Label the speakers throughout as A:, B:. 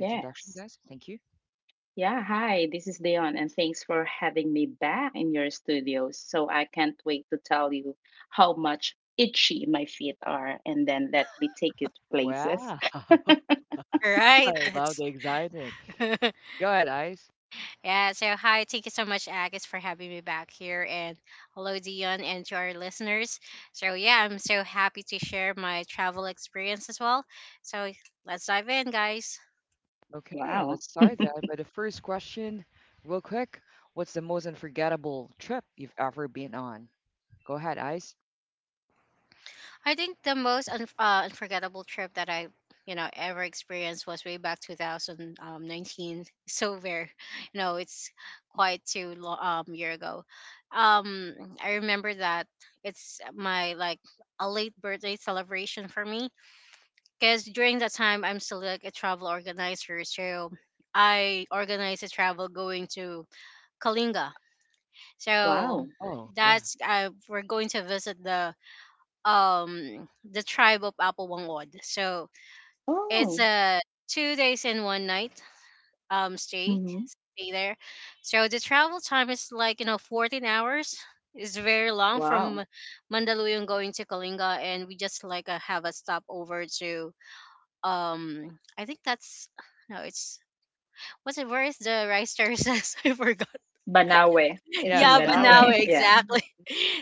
A: Yes. Yeah, hi, this is Dion, and thanks for having me back in your studio. So I can't wait to tell you how much itchy my feet are, and then let me take you to places.
B: Right. That's yeah. So hi, thank you so much, Agus, for having me back here, and hello, Dion, and to our listeners. So yeah, I'm so happy to share my travel experience as well. So let's dive in, guys.
A: Wow.
B: I think the most unforgettable trip that I ever experienced was way back 2019. So it's quite too long year ago. Um, I remember that it's my like a late birthday celebration for me because during that time I'm still like a travel organizer, so I organized a travel going to Kalinga. So
A: Wow.
B: that's we're going to visit the tribe of Apawangod. So it's
A: Oh.
B: a 2 days and one night um stay
A: Mm-hmm.
B: stay there. So the travel time is like, you know, 14 hours. It's very long
A: Wow.
B: from Mandaluyong going to Kalinga, and we just have a stopover to I think that's no it's what's it where is the rice terraces I forgot.
A: Banawe. It's in
B: Yeah, but now
A: Banawe. Yeah.
B: exactly.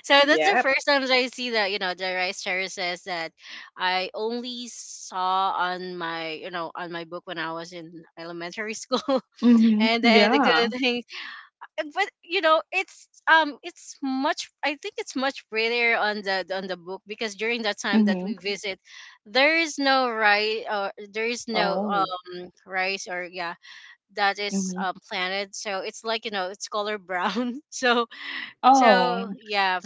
B: So that's the
A: Yep.
B: first time that I see that, you know, the rice terraces that I only saw on my, on my book when I was in elementary school.
A: Mm-hmm.
B: And then the good
A: Yeah.
B: thing, but you know, it's much. I think it's much prettier on the book because during that time that we
A: Mm-hmm.
B: visit, there is no rice or there is no
A: Oh.
B: rice or yeah that is
A: Mm-hmm.
B: planted. So it's like, you know, it's color brown. So so
A: Oh.
B: yeah,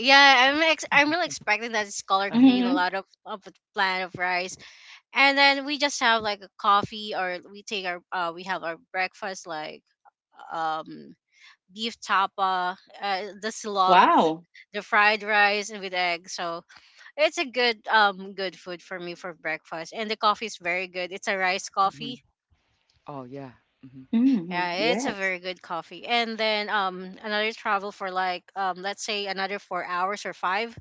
B: yeah, I'm I'm really expecting that it's color green, a
A: Mm-hmm.
B: lot of a plant of rice, and then we just have like a coffee or we take our we have our breakfast like um beef tapa, the slog,
A: Wow.
B: the fried rice and with eggs. So it's a good food for me for breakfast, and the coffee is very good. It's a rice coffee.
A: Mm-hmm.
B: Yeah, it's a
A: Yes.
B: very good coffee. And then another travel for like let's say another 4 hours or five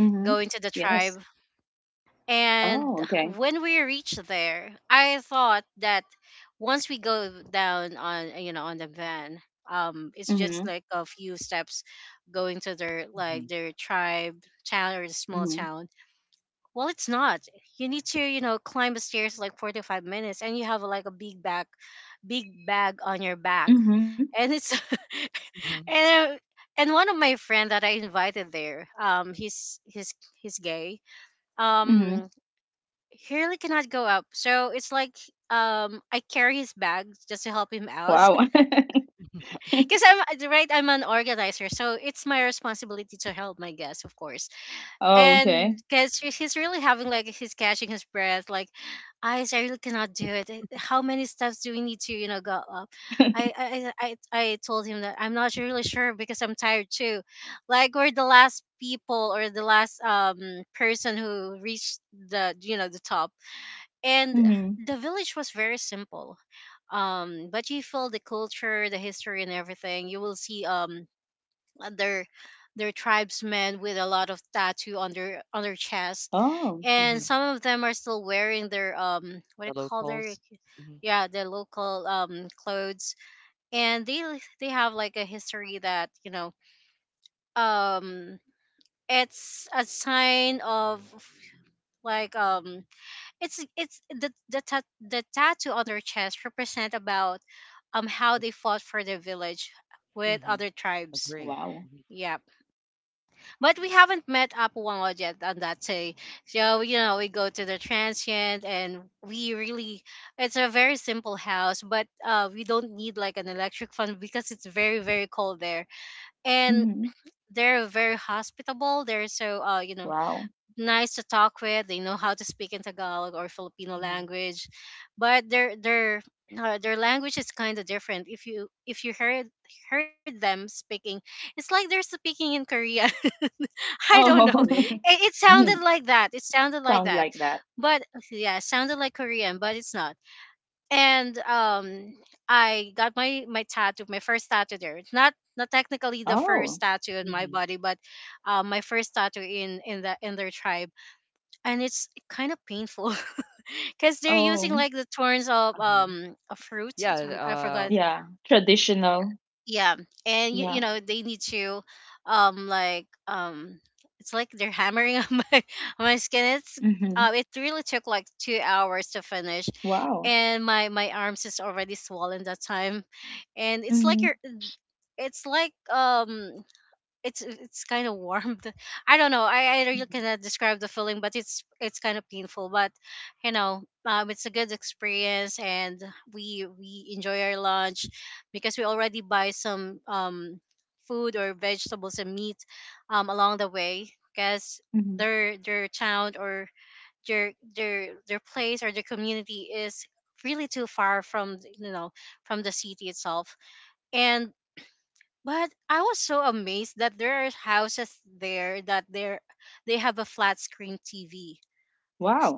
A: Mm-hmm.
B: going to the
A: Yes.
B: tribe. And
A: Oh, okay.
B: when we reached there, I thought that once we go down on on the van, it's just
A: Mhm,
B: like a few steps going to their like their tribe town or the small
A: mhm,
B: town. Well, it's not. You need to, climb the stairs like 45 minutes, and you have like a big back, big bag on your back,
A: mhm,
B: and it's and uh, and one of my friend that I invited there, he's he's gay,
A: mhm.
B: um he really cannot go up so it's like I carry his bags just to help him out.
A: Wow.
B: Because I'm I'm an organizer, so it's my responsibility to help my guests, of course.
A: Oh,
B: And
A: okay.
B: because he's really having like he's catching his breath like I really cannot do it. Eh, how many steps do we need to, go up? i i i, I I told him that I'm not really sure because I'm tired too. Like we're the last people or the last person who reached the the top. And
A: Mhm.
B: the village was very simple, but you feel the culture, the history, and everything. You will see their their tribesmen with a lot of tattoo on their chest,
A: Oh,
B: and some of them are still wearing their what do you call their, yeah, their local clothes. And they have like a history that, um it's a sign of like, it's the the tattoo on their chest represent about how they fought for their village with other tribes.
A: wow.
B: Yeah, but we haven't met Apuango yet on that day. So, you know, we go to the transient and we really it's a very simple house, but we don't need like an electric fan because it's very very cold there and.
A: Mhm.
B: They're very hospitable. They're so,
A: Wow.
B: nice to talk with. They know how to speak in Tagalog or Filipino language, but their language is kind of different. If you, if you heard, heard them speaking, it's like they're speaking in Korean. I don't know.
A: Oh.
B: It sounded
A: Mhm.
B: like that. It sounded like
A: Sound
B: that,
A: like that.
B: but yeah, it sounded like Korean, but it's not. And I got my tattoo, my first tattoo there. Not not technically the
A: Oh.
B: first tattoo in my body, but my first tattoo in the in their tribe, and it's kind of painful. Because they're using
A: Oh,
B: like the thorns of a fruit. I forgot.
A: yeah. Traditional.
B: Yeah, and you, you
A: Yeah.
B: know they need to, um, like um, it's like they're hammering on my skin.
A: Mhm.
B: It really took like 2 hours to finish,
A: Wow.
B: and my arms is already swollen that time, and it's like
A: Mhm.
B: you're it's like, it's kind of warm. I don't know. I really
A: Mhm.
B: cannot describe the feeling, but it's kind of painful. But, it's a good experience, and we enjoy our lunch because we already buy some food or vegetables and meat along the way, because
A: Mhm.
B: their town or their place or their community is really too far from from the city itself. And but I was so amazed that there are houses there that there they have a flat screen TV,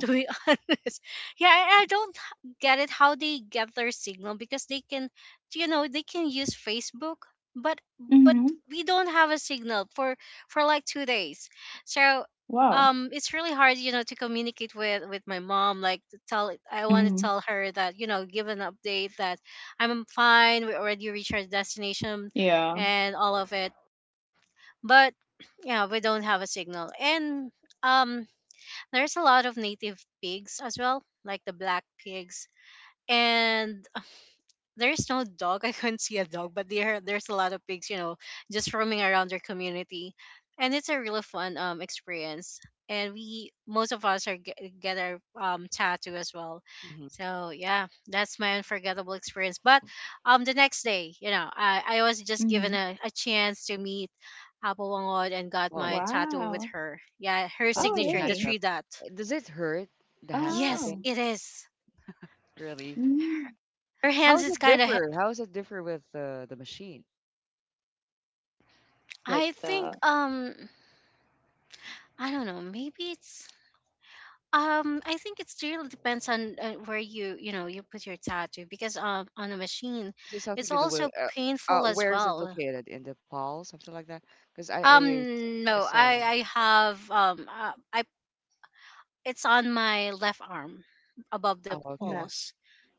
B: to be honest. Yeah, I don't get it how they get their signal because they can, you know, they can use Facebook, but but
A: Mhm.
B: we don't have a signal for like 2 days. So
A: Wow.
B: it's really hard, you know, to communicate with my mom. Like to tell, I want to
A: Mhm.
B: tell her that, you know, give an update that I'm fine. We already reached our destination,
A: Yeah.
B: and all of it. But yeah, we don't have a signal, and um there's a lot of native pigs as well, like the black pigs. And there's no dog. I couldn't see a dog, but there's a lot of pigs, you know, just roaming around their community. And it's a really fun experience. And we most of us are get our tattoo as well. So yeah, that's my unforgettable experience. But the next day, you know, I was just
A: Mhm.
B: given a chance to meet Apo Wangod and got my tattoo with
A: Wow.
B: her. Yeah, her
A: Oh,
B: signature, the
A: really?
B: three dot. Yes,
A: Oh.
B: it is.
A: Mm.
B: Her hands is kind of.
A: Like
B: I
A: the
B: think I don't know. Maybe it's I think it's really depends on where you know you put your tattoo, because on a machine, it's also painful as well. No, I have I it's on my left arm above the
A: that.
B: polos.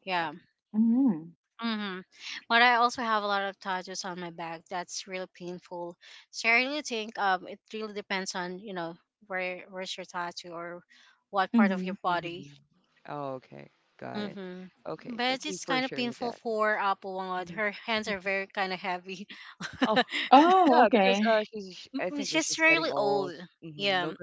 B: Yeah.
A: Mhm.
B: Mm-hmm. But I also have a lot of tattoos on my back. That's really painful. So I really think it really depends on, you know, where where's your tattoo or what part of your
A: Mhm.
B: body. Mm-hmm. But it's kind of painful for Apawangod. Her hands are very kind of heavy.
A: Oh, okay.
B: She's really old. Yeah.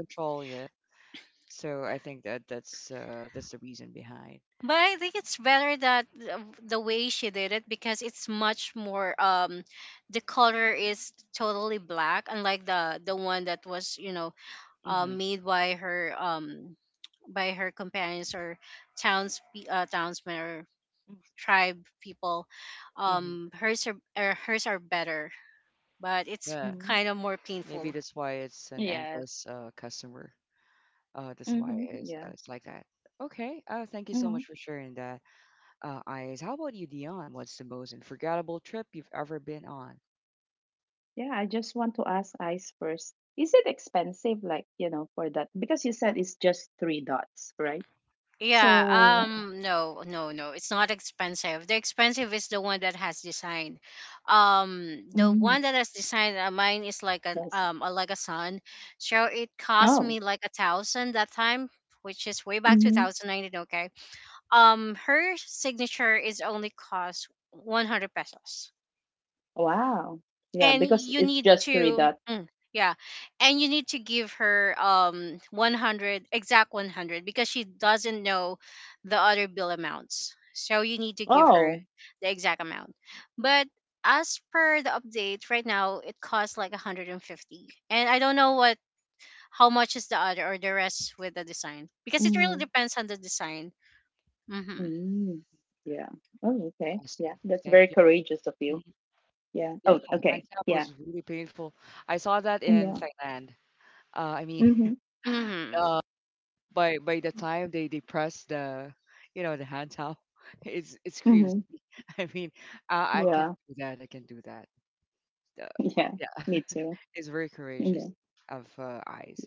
B: But I think it's better that the way she did it because it's much more, the color is totally black, unlike the one that was, you know, made by her, by her companions or towns townsmen or
A: Mm,
B: tribe people. Hers are, hers are better, but it's
A: mhm.
B: kind of more painful.
A: Yes. Mhm. Yeah. Mhm. Yeah, I just want to ask Ice first. Is it expensive, like, for that? Because you said it's just three dots, right?
B: Yeah,
A: So,
B: no, no, no. It's not expensive. The expensive is the one that has design. The
A: mm,
B: one that has design, mine is like an
A: yes.
B: a, like a sun. So it cost
A: Oh,
B: me like a thousand that time, which is way back
A: mm-hmm.
B: 2019, okay? Her signature is only cost 100 pesos,
A: Wow. Yeah,
B: and
A: because
B: you
A: it's
B: need
A: just three
B: to
A: dots.
B: mm, yeah, and you need to give her 100 exact 100 because she doesn't know the other bill amounts, so you need to give her
A: Oh,
B: the exact amount. But as per the update right now it costs like 150, and I don't know what how much is the other or the rest with the design because it really
A: mm-hmm.
B: depends on the design. Mm-hmm.
A: Mm-hmm. Yeah. Oh, okay. Yeah, that's very courageous of you. Yeah. Oh, okay. Yeah. Yeah. Mm-hmm.
B: Mm-hmm.
A: Mm-hmm. Yeah. Yeah, me too. Yeah.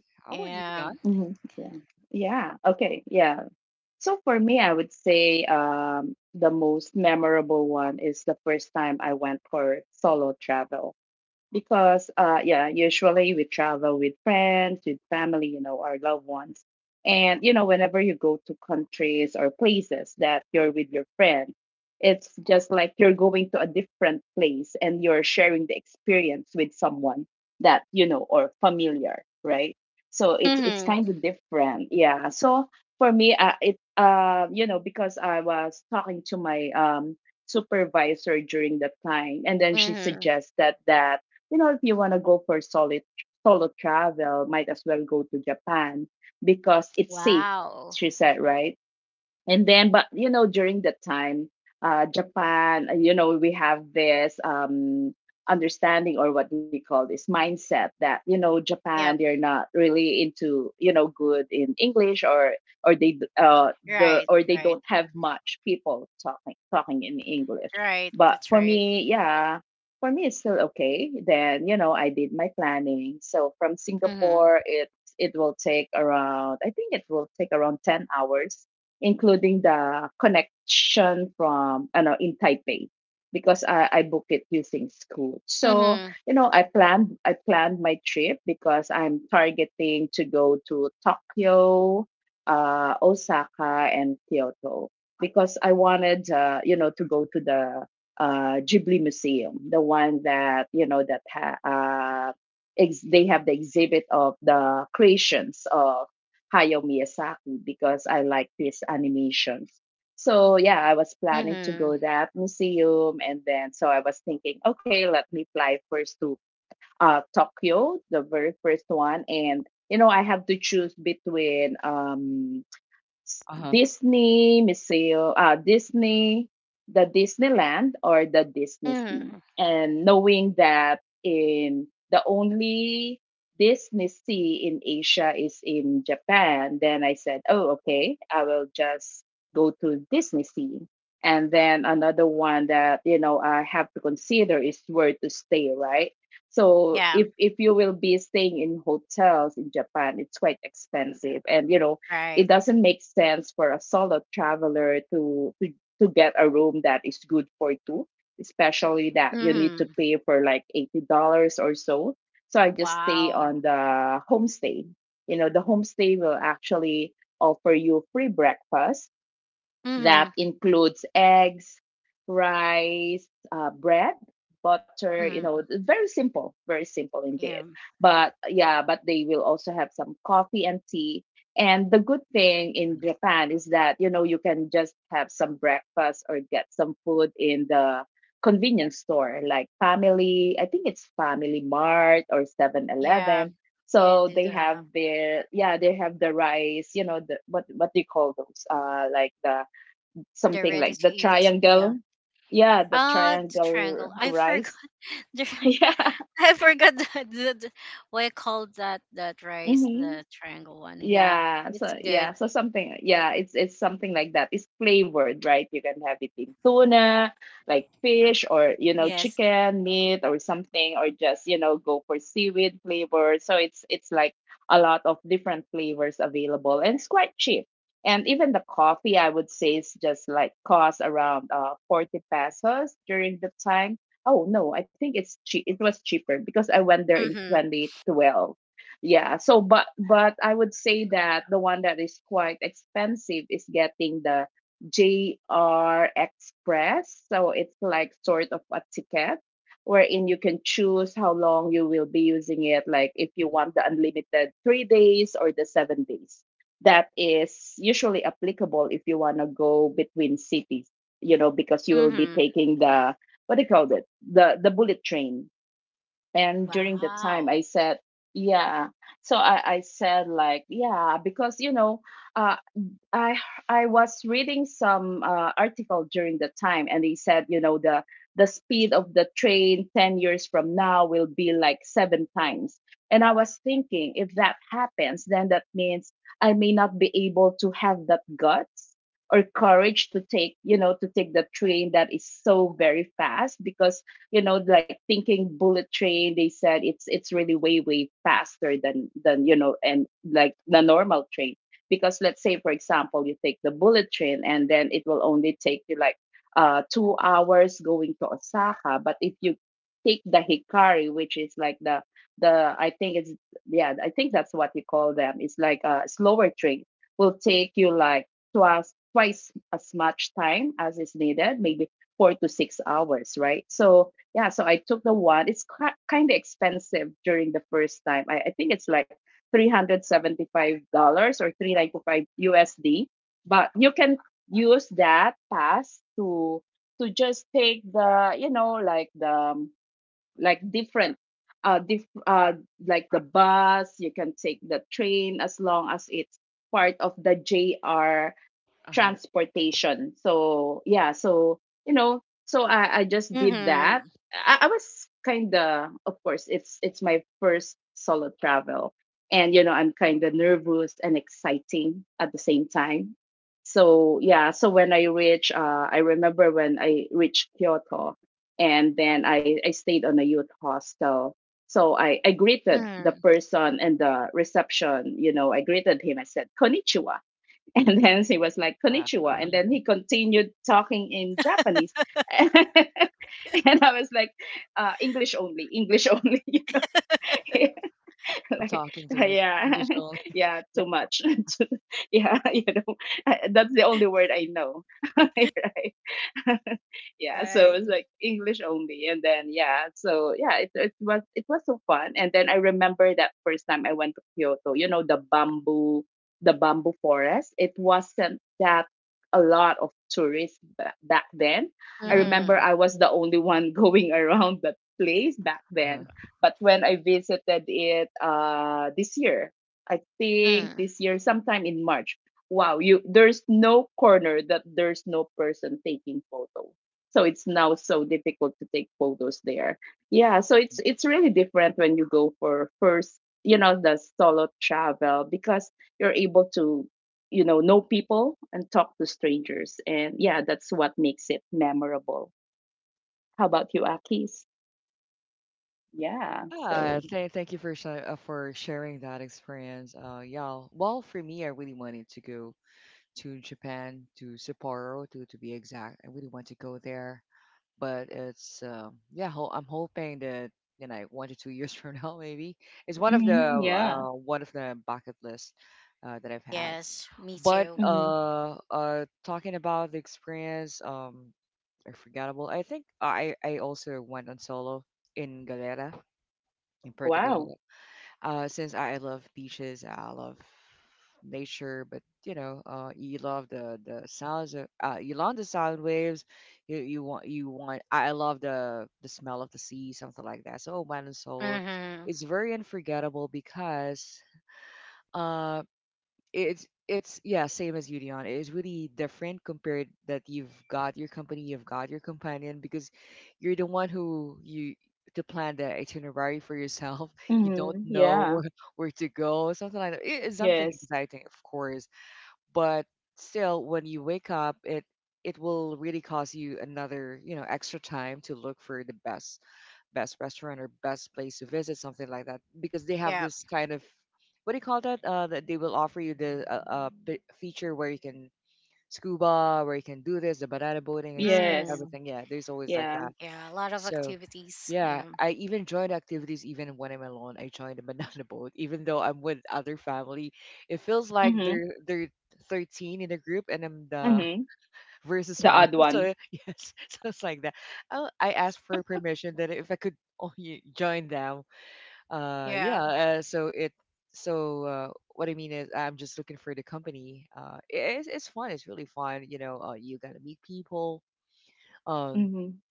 B: Yeah.
A: Hmm. Yeah. Yeah. Okay. Yeah. So for me, I would say the most memorable one is the first time I went for solo travel. Because yeah, usually we travel with friends, with family, our loved ones. And whenever you go to countries or places that you're with your friends, it's just like you're going to a different place and you're sharing the experience with someone that you know or familiar, right? So it's
B: Mhm.
A: kind of different, yeah. So for me, it you know because I was talking to my supervisor during that time, and then she
B: Mhm.
A: suggested that, if you want to go for solid solo travel, might as well go to Japan because it's safe,
B: Wow.
A: she said, right? And then, but during that time, Japan, we have this understanding, or what we call this mindset that,
B: Yep.
A: Japan, they're not really into, good in English, or they d- the
B: Right.
A: or they
B: Right.
A: don't have much people talking in English.
B: Right.
A: But
B: That's
A: for
B: right.
A: me, yeah, for me it's still okay. Then, I did my planning. So from
B: Mhm.
A: Singapore, it will take around, I think it will take around 10 hours, including the connection from I know in Taipei, because I booked it using Scoot. So,
B: Mhm.
A: I planned my trip because I'm targeting to go to Tokyo, Osaka, and Kyoto, because I wanted, to go to the Ghibli Museum, the one that, that uh, they have the exhibit of the creations of Hayao Miyazaki because I like his animations. So yeah, I was planning to
B: Mhm.
A: go that museum, and then so I was thinking, okay, let me fly first to, Tokyo, the very first one. And I have to choose between, Disney, the Disneyland or the Disney Sea.
B: Mhm.
A: And knowing that in the only Disney Sea in Asia is in Japan, then I said, oh, okay, I will just go to Disney Sea. And then another one that, I have to consider is where to stay, right? So
B: Yeah.
A: if you will be staying in hotels in Japan, it's quite expensive. And,
B: Right.
A: it doesn't make sense for a solo traveler to get a room that is good for two, especially that you need to
B: Mhm.
A: pay for like $80 or so. So I just stay
B: Wow.
A: on the homestay. You know the homestay will actually offer you free breakfast
B: Mhm.
A: that includes eggs, rice, bread, butter,
B: Mhm.
A: very simple indeed.
B: Yeah.
A: But yeah, but they will also have some coffee and tea. And the good thing in Japan is that, you can just have some breakfast or get some food in the convenience store like Family, I think it's Family Mart, or Seven
B: Yeah.
A: Eleven.
B: Yeah.
A: So
B: They do
A: they
B: have.
A: have their, yeah, they have the rice, the what do you call those? Like the,
B: They're
A: something
B: ready
A: like
B: to
A: the
B: eat. Yeah.
A: triangle. Yeah, the
B: Ah, the
A: triangle
B: triangle. I forgot.
A: rice.
B: The,
A: Yeah.
B: I forgot that. The what I called that that rice. The
A: Hmm.
B: triangle one. Yeah.
A: Yeah,
B: It's
A: so
B: good.
A: yeah, so something, yeah, it's something like that. It's flavored, right? You can have it in tuna, like fish, or
B: Yes.
A: chicken, meat or something, or just, go for seaweed flavor. So it's like a lot of different flavors available, and it's quite cheap. And even the coffee, I would say, is just like cost around 40 pesos during the time. Oh no, I think it's cheap. It was cheaper because I went there in
B: Mhm.
A: 2012. Yeah, so but I would say that the one that is quite expensive is getting the JR Express. So it's like sort of a ticket wherein you can choose how long you will be using it, like if you want the unlimited 3 days or the 7 days, that is usually applicable if you want to go between cities, you know, because you will be
B: Mhm.
A: taking the, what do you call it, the bullet train. And during the time
B: Wow.
A: I said, yeah. So I, said, like, yeah, because uh, I I was reading some article during the time, and they said, the speed of the train 10 years from now will be like 7 times. And I was thinking, if that happens, then that means I may not be able to have that guts or courage to take, to take the train that is so very fast, because, like thinking bullet train, they said it's really way faster than and like the normal train. Because let's say for example, you take the bullet train, and then it will only take you like, 2 hours going to Osaka. But if you take the Hikari, which is like the, I think it's, yeah, I think that's what you call them. It's like a slower train, will take you like twice as much time as is needed, maybe 4 to 6 hours, right? So yeah, so I took the one. It's kind of expensive during the first time. I think it's like $375 or 395 USD. But you can use that pass to just take the, like the, like different, uh, diff, uh like the bus. You can take the train as long as it's part of the JR transportation. So yeah, so, so I just did that.
B: Mhm.
A: I was kinda Of course, it's my first solo travel. And, I'm kinda nervous and exciting at the same time. So yeah, so when I reached, I remember when I reached Kyoto, and then I stayed on a youth hostel. So I greeted the
B: Mhm.
A: person and the reception, I greeted him. I said, "Konnichiwa." And then he was like, "Konnichiwa." And then he continued talking in Japanese. And I was like, "English only, English only." Like, yeah, yeah, too much. Yeah, that's the only word I know. Right? Yeah, so
B: Right?
A: it was like English only. And then, yeah, so yeah, it was so fun. And then I remember that first time I went to Kyoto, the bamboo forest. It wasn't that a lot of tourists back then. I remember
B: Mhm.
A: I was the only one going around that place back then. But when I visited it, this year, I think
B: Mhm.
A: this year, sometime in March, wow, you, there's no corner that there's no person taking photo. So it's now so difficult to take photos there. Yeah, so it's really different when you go for first, the solo travel, because you're able to, know people and talk to strangers. And yeah, that's what makes it memorable. How about you, Akis? Yeah. So. Mm-hmm. Yeah.
B: Yes, me too.
A: Mhm. Wow.
B: Mhm.
A: Hmm. Yeah. Yes.
B: Yeah.
A: Yes.
B: Mhm.
A: Yeah.
B: Yeah, a lot of activities. Yeah.
A: Mhm. The odd one.
B: Yeah.
A: Mhm.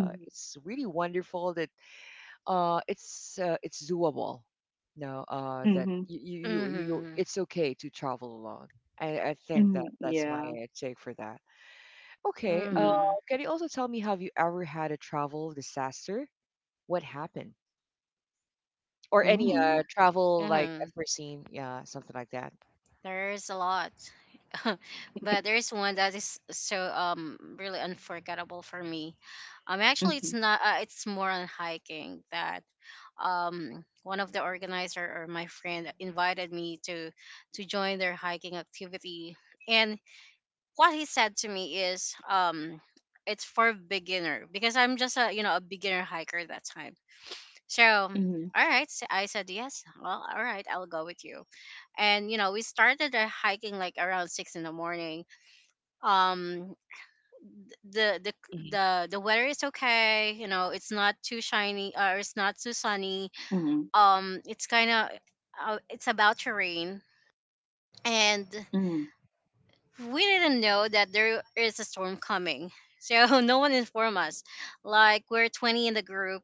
A: Mhm. Mhm.
B: Mhm.
A: Mhm. Yeah. Mm.
B: Mhm.
A: Mm.
B: Mhm. There's a lot. But there's one that is so really unforgettable for me. Actually, it's
A: Mhm.
B: not. It's more on hiking that one of the organizer or my friend invited me to join their hiking activity, and what he said to me is it's for beginner because I'm just a you know a beginner hiker at that time. So,
A: Mhm.
B: all right, so I said yes. Well, all right, I'll go with you, and we started the hiking like around 6 in the morning. Um the the the the weather is okay, it's not too shiny, or it's not too sunny.
A: Mhm.
B: It's kind of, it's about to rain, and
A: Mhm.
B: we didn't know that there is a storm coming. So, no one informed us. Like, we're 20 in the group.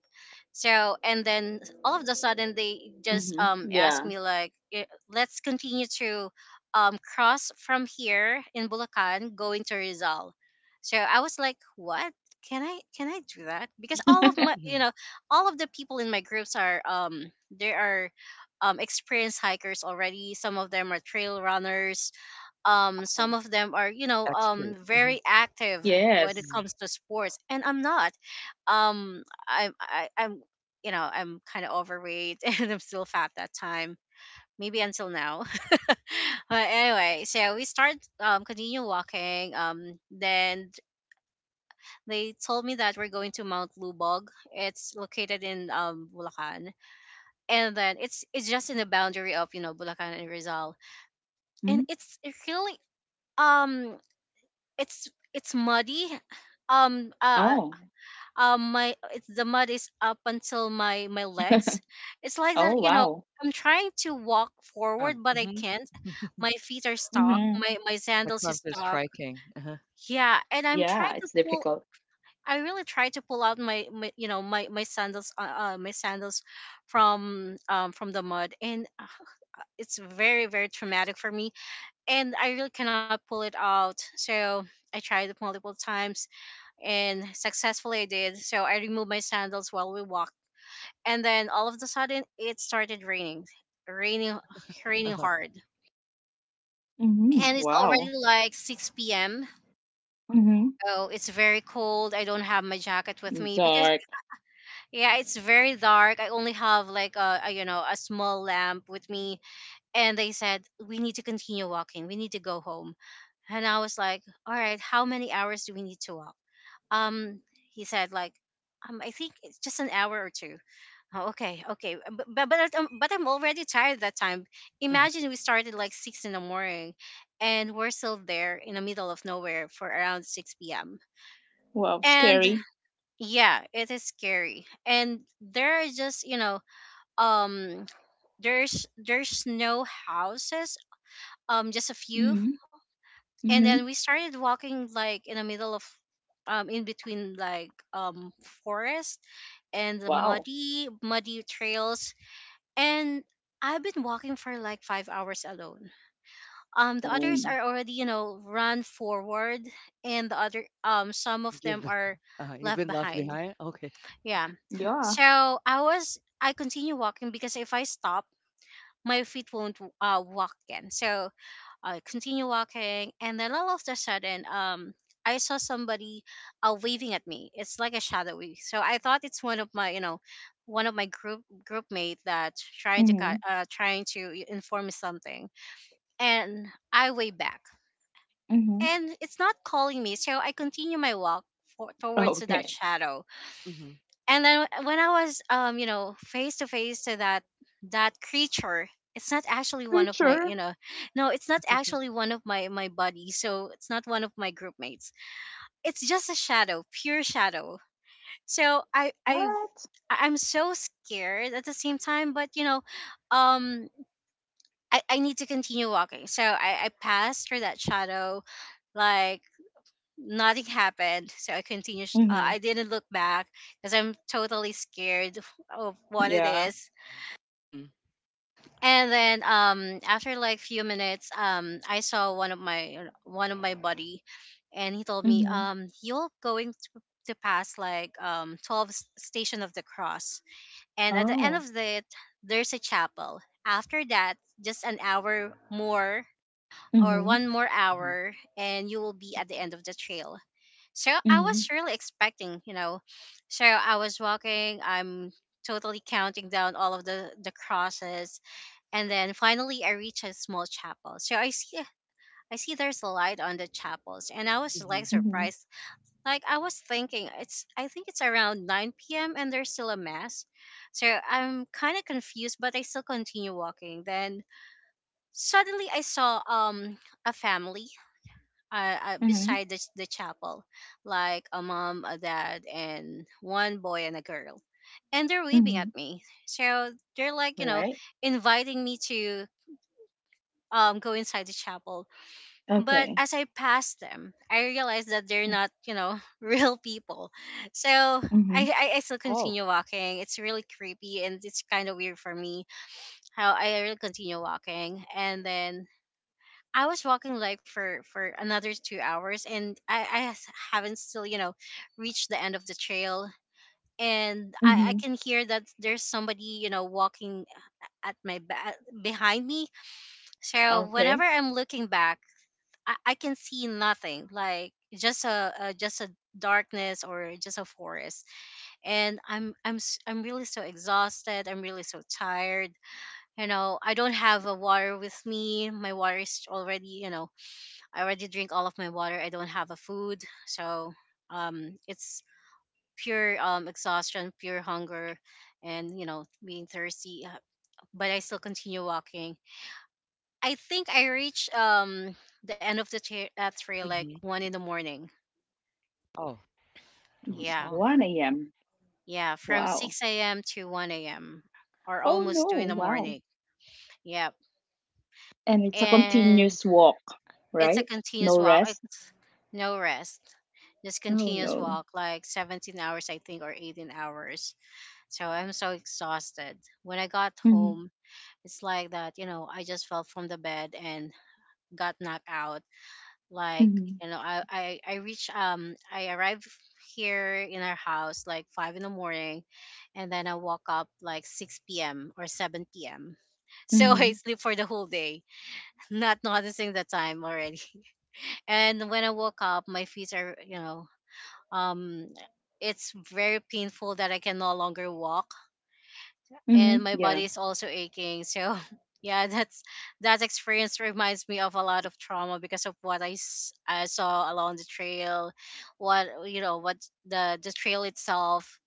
B: So, and then all of the sudden, they just
A: Mhm.
B: asked
A: Yeah.
B: me like, "Eh, let's continue to cross from here in Bulacan going to Rizal." So I was like, what? Can I do that? Because all of the people in my groups are, they are, experienced hikers already. Some of them are trail runners. Some
A: Wow.
B: of them are, very active when it
A: Yes.
B: comes to sports, and I'm not. Um i'm I, i'm I'm kind of overweight and I'm still fat that time, maybe until now. But anyway, so we start, continue walking, then they told me that we're going to Mount Lubog. It's located in, Bulacan, and then it's just in the boundary of, Bulacan and Rizal. And
A: Mm.
B: it's really, um it's muddy. um uh
A: Oh.
B: my it's The mud is up until my legs. It's like that,
A: Oh,
B: you know.
A: wow.
B: I'm trying to walk forward, but I can't. My feet are stuck.
A: Mhm.
B: My sandals is stuck, yeah. And I'm
A: Yeah,
B: trying to
A: it's
B: pull.
A: difficult.
B: I really try to pull out my sandals, my sandals from from the mud, and it's very, very traumatic for me, and I really cannot pull it out. So I tried it multiple times, and successfully, I did. So I removed my sandals while we walked. And then all of the sudden, it started raining. Raining, raining hard.
A: Mhm.
B: And it's already
A: Wow.
B: like six PM.
A: Mhm.
B: Oh, it's very cold. I don't have my jacket with me because,
A: Dark.
B: yeah, it's very dark. I only have like a small lamp with me. And they said, "We need to continue walking. We need to go home." And I was like, "All right, how many hours do we need to walk?" Um, he said, like, "I think it's just an hour or two." Oh, okay, okay, but I'm already tired that time. Imagine, we started like 6 in the morning, and we're still there in the middle of nowhere for around 6 p.m.
A: Wow,
B: And,
A: scary.
B: yeah, it is scary. And there are just, um there's no houses, just a few.
A: Mhm.
B: And then
A: Mhm.
B: we started walking, like, in between, like, forest, and the
A: Wow.
B: muddy, muddy trails. And I've been walking for like 5 hours alone. The others
A: Oh.
B: are already, you know, run forward, and some of them are left behind. Yeah.
A: Yeah.
B: So, I continue walking because if I stop, my feet won't, walk again. So I continue walking, and then all of a sudden, I saw somebody, waving at me. It's like a shadowy. So I thought it's one of my groupmate that's
A: Mhm.
B: trying to inform me something, and I wave back,
A: Mhm.
B: and it's not calling me. So I continue my walk towards that
A: Okay.
B: shadow, and then when I was, face to face to that creature, it's not actually one of my,
A: Creature.
B: you know, no, it's not actually one of my buddies, so it's not one of my group mates it's just a shadow, pure shadow. So i i
A: What?
B: I- I'm so scared at the same time, but um, I need to continue walking. So I passed through that shadow, like nothing happened. So
A: Mhm.
B: I didn't look back because I'm totally scared of what it
A: Yeah.
B: is. And then, after like few minutes, I saw one of my buddy, and he told me,
A: Mhm.
B: you're going to pass like, 12 station of the cross, and at the end of
A: Oh.
B: it, there's a chapel. After that, just an hour more, or
A: Mhm,
B: one more hour, and you will be at the end of the trail. So I was
A: mhm,
B: really expecting, you know. So I was walking. I'm totally counting down all of the crosses, and then finally I reach a small chapel. So I see there's a light on the chapels, and I was like,
A: mhm,
B: surprised. Like, I think it's around 9 p.m., and there's still a mass. So I'm kind of confused, but I still continue walking. Then suddenly I saw, a family,
A: mhm,
B: beside the chapel, like a mom, a dad, and one boy and a girl. And they're waving
A: mhm.
B: at me. So they're like, you know,
A: Alright.
B: inviting me to, go inside the chapel. But
A: Okay.
B: as I pass them, I realized that they're not, you know, real people. So I,
A: Mhm,
B: I, I still continue walking. It's really creepy, and it's kind of weird for me how I really continue walking. And then I was walking like for another 2 hours, and haven't still, you know, reached the end of the trail, and I
A: mhm.
B: can hear that there's somebody, you know, walking at behind me. So
A: Okay.
B: whenever I'm looking back, I can see nothing, like just a darkness, or just a forest, and I'm really so exhausted. I'm really so tired. You know, I don't have a water with me. My water is already you know I already drink all of my water. I don't have a food, so, it's pure, exhaustion, pure hunger, and, you know, being thirsty. But I still continue walking. I think I reach, the end of trail like 1 in the morning. Yeah,
A: 1 a.m.
B: yeah, from
A: Wow.
B: 6 a.m. to 1 a.m., or
A: Oh
B: almost
A: no,
B: two in the
A: wow.
B: morning. Yep,
A: And it's a
B: and
A: continuous walk,
B: it's a
A: right?
B: continuous
A: No
B: walk.
A: rest.
B: It's no rest, just
A: Oh
B: continuous
A: no.
B: walk, like 17 hours, I think, or 18 hours. So I'm so exhausted. When I got
A: Mhm,
B: home, it's like that, you know, I just fell from the bed and got knocked out. Like,
A: mhm,
B: you know, I arrived here in our house like 5 in the morning, and then I woke up like 6 p.m. or seven PM. So, I
A: mhm,
B: sleep for the whole day, not noticing the time already. And when I woke up, my feet are, you know, um it's very painful that I can no longer walk, and
A: mhm.
B: my
A: Yeah,
B: body is also aching. So, yeah, that experience reminds me of a lot of trauma because of what I saw along the trail, what, you know, what the trail itself,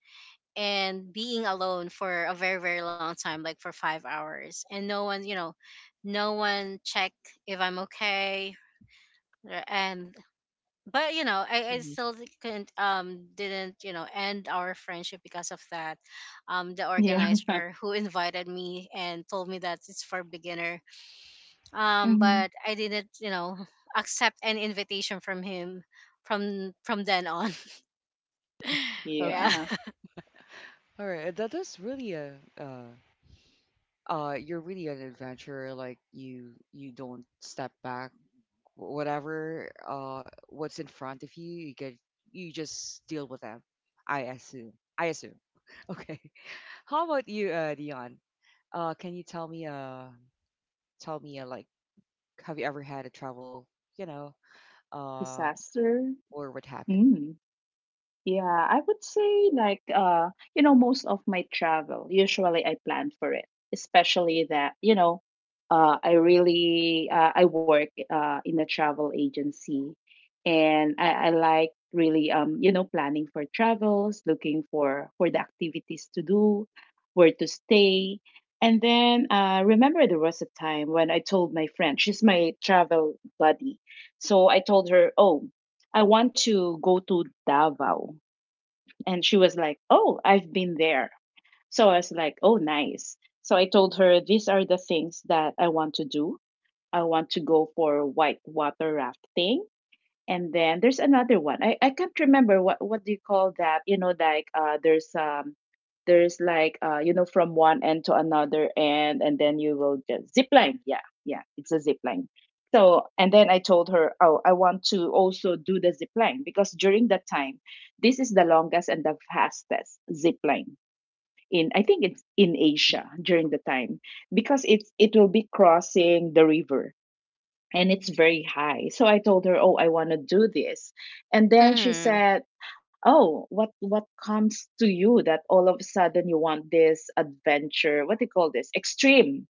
B: and being alone for a very, very long time, like for 5 hours, and no one, you know, no one check if I'm okay. And, but, you know, I still couldn't didn't, you know, end our friendship because of that, the
A: yeah,
B: organizer who invited me and told me that it's for beginner.
A: mhm.
B: But I didn't, you know, accept any invitation from him, from then on. Yeah.
A: Yeah. Disaster. Mm. Yeah, I would say like most of my travel, usually I plan for it, especially that, I work in a travel agency, and I like really planning for travels, looking for the activities to do, where to stay. And then remember there was a time when I told my friend, she's my travel buddy. So I told her, "Oh, I want to go to Davao." And she was like, "Oh, I've been there." So I was like, "Oh, nice." So I told her, "These are the things that I want to do. I want to go for whitewater rafting. And then there's another one. I can't remember, what do you call that? Like there's like from one end to another end, and then you will just zip line." Yeah, yeah, it's a zip line. So and then I told her, "Oh, I want to also do the zip line, because during that time, this is the longest and the fastest zip line in, I think, it's in Asia during the time, because it will be crossing the river, and it's very high." So I told her, "Oh, I want to do this." And then she
B: Mm-hmm.
A: said, "Oh, what comes to you that all of a sudden you want this adventure? What do you call this? Extreme,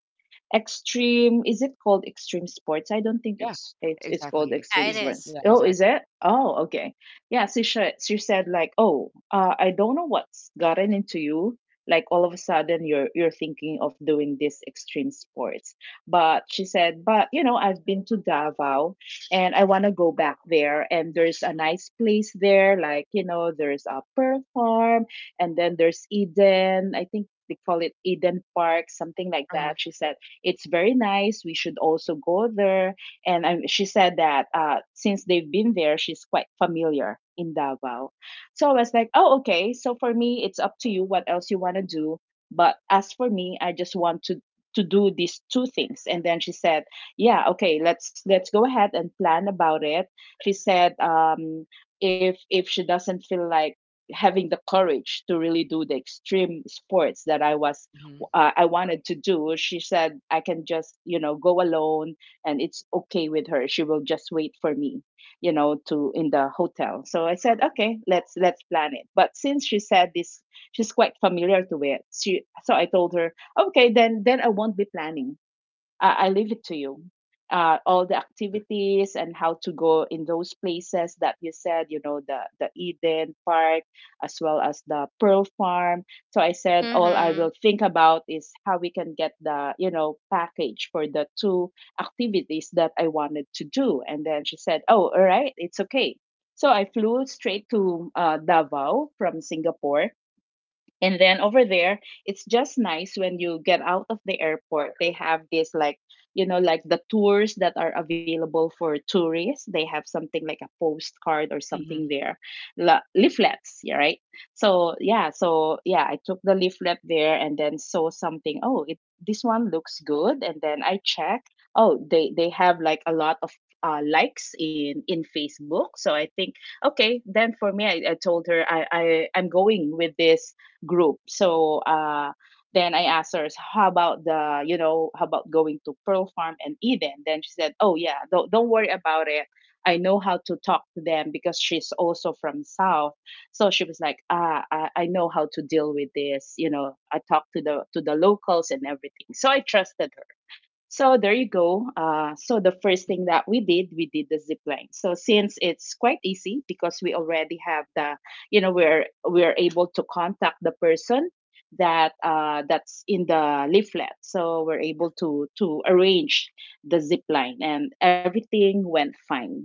A: is it called extreme sports? I don't think it's called
B: Yeah,
A: extreme
B: it
A: sports.
B: is.
A: Oh, is it? Oh, okay." Yeah. She said like, "Oh, I don't know what's gotten into you, like all of a sudden you're thinking of doing this extreme sports." But she said, "But, I've been to Davao, and I want to go back there, and there's a nice place there, like, there's a Pearl Farm, and then there's Eden. I think they call it Eden Park, something like that." She said, "It's very nice. We should also go there." She said that, since they've been there, she's quite familiar in Davao. So I was like, "Oh, okay. So for me, it's up to you what else you want to do. But as for me, I just want to do these two things." And then she said, "Yeah, okay, let's go ahead and plan about it." She said, if she doesn't feel like having the courage to really do the extreme sports that I wanted to do, she said I can just, go alone, and it's okay with her. She will just wait for me, to in the hotel. So I said, "Okay, let's plan it." But since she said this, she's quite familiar to it. She so I told her, "Okay, then I won't be planning. I leave it to you. All the activities and how to go in those places that you said, the Eden Park, as well as the Pearl Farm." So I said, "All I
B: Mm-hmm.
A: will think about is how we can get the, package for the two activities that I wanted to do." And then she said, "Oh, all right, it's okay." So I flew straight to Davao from Singapore, and then over there, it's just nice when you get out of the airport. They have this, like, like the tours that are available for tourists. They have something like a postcard or something there, leaflets, yeah, right? So yeah, I took the leaflet there and then saw something. Oh, it this one looks good, and then I check. Oh, they have like a lot of likes in Facebook. So I think, "Okay, then for me, I told her I'm going with this group." So then I asked her, "So how about the, you know, how about going to Pearl Farm and Eden?" Then she said, "Oh, yeah, don't worry about it. I know how to talk to them," because she's also from South. So she was like, "Ah, I know how to deal with this. You know, I talk to the locals and everything." So I trusted so there you go. So the first thing that we did the zip line. So since it's quite easy, because we already have the, we're able to contact the person that's in the leaflet. So we're able to arrange the zip line, and everything went fine.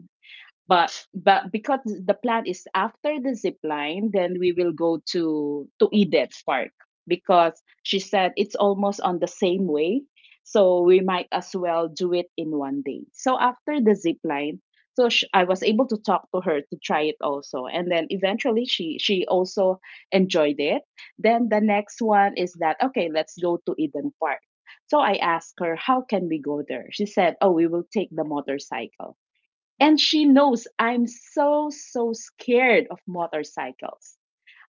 A: But because the plan is, after the zip line, then we will go to Edith Park, because she said it's almost on the same way. So we might as well do it in one day. So after the zip line, I was able to talk to her to try it also, and then eventually she also enjoyed it. Then the next one is that, okay, let's go to Eden Park. So I asked her, "How can we go there?" She said, "Oh, we will take the motorcycle." And she knows I'm so, so scared of motorcycles.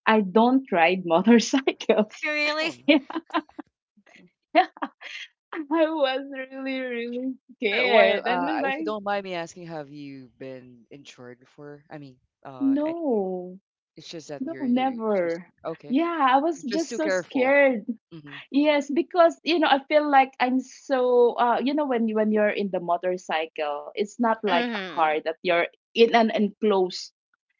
A: I don't ride motorcycles.
B: Really?
A: I was really, really scared. And was like, no, no, never. Yeah, I was just so scared. Yes, because, I feel like I'm so when you're in the motorcycle, it's not like a car
B: Mm-hmm.
A: that you're in an enclosed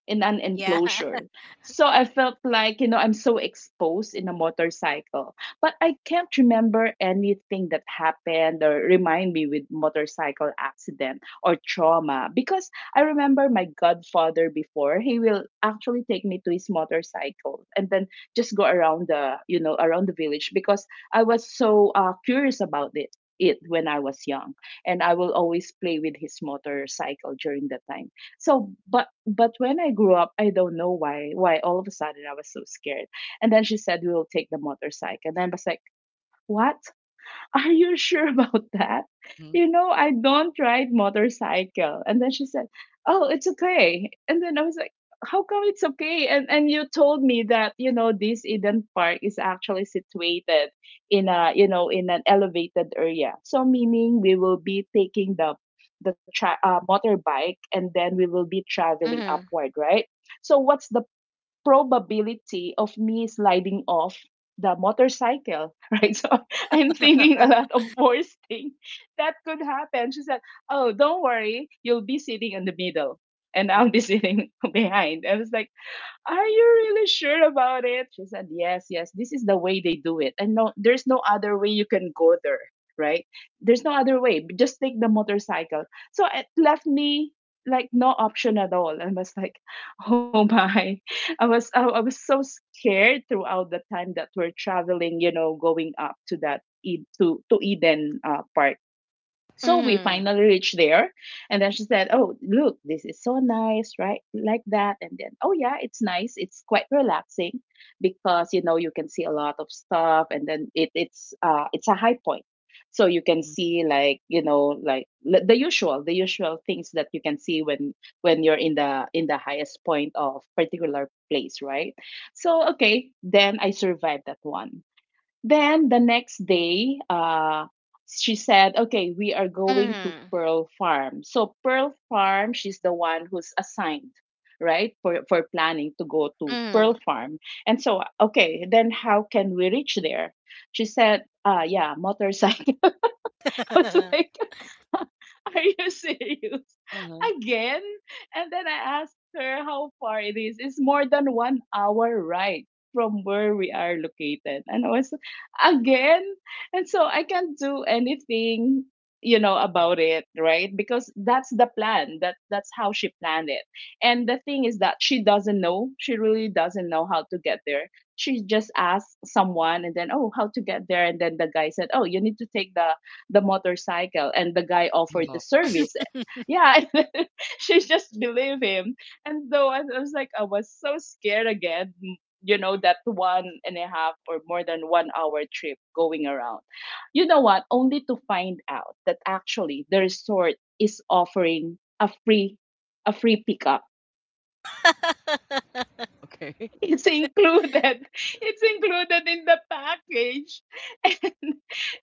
A: in an
B: Yeah.
A: enclosure. So I felt like, I'm so exposed in a motorcycle. But I can't remember anything that happened or remind me with motorcycle accident or trauma, because I remember my godfather before, he will actually take me to his motorcycle and then just go around around the village, because I was so curious about it when I was young, and I will always play with his motorcycle during that time. So but when I grew up, I don't know why all of a sudden I was so scared. And then she said, "We will take the motorcycle." And then I was like, "What?" "Are you sure about that? You know, I don't ride motorcycle." And then she said, "Oh, it's okay." And then I was like, "How come it's okay? And you told me that, this Eden Park is actually situated in a, you know, in an elevated area. So meaning we will be taking the motorbike, and then we will be traveling
B: Mm-hmm.
A: upward, right? So what's the probability of me sliding off the motorcycle," "right? So I'm thinking a lot of worst thing that could happen." She said, "Oh, don't worry, you'll be sitting in the middle, and I'll be" "sitting behind." I was like, "Are you really sure about it?" She said, "Yes, yes, this is the way they do it. And no, there's no other way you can go there, right? There's no other way. Just take the motorcycle." So it left me like no option at all. I was like, "Oh my." I was I was so scared throughout the time that we're traveling, going up to that E- to Eden Park. So we
B: Mm-hmm.
A: finally reached there. And then she said, "Oh, look, this is so nice, right?" Like that. And then, oh, yeah, it's nice. It's quite relaxing, because, you can see a lot of stuff. And then it's a high point. So you can see like, the usual things that you can see when, you're in the, highest point of particular place, right? So, okay. Then I survived that one. Then the next day, she said, "Okay, we are going to Pearl Farm." So Pearl Farm, she's the one who's assigned, right, for planning to go
B: Mm-hmm.
A: to
B: Mm-hmm.
A: Pearl Farm. And so, okay, then how can we reach there? She said, "Yeah, motorcycle." I was like, "Are you serious?" "Again?" And then I asked her how far it is. It's more than one hour ride from where we are located. And I was again. And so I can't do anything, about it, right? Because that's the plan. That's how she planned it. And the thing is that she doesn't know. She really doesn't know how to get there. She just asked someone and then, "Oh, how to get there." And then the guy said, "Oh, you need to take the motorcycle," and the guy offered the service, yeah, and she just believed him. And though I was like, I was so scared again, that one and a half or more than one hour trip going around, you know what, only to find out that actually the resort is offering a free, pickup. It's included. It's included in the package. And,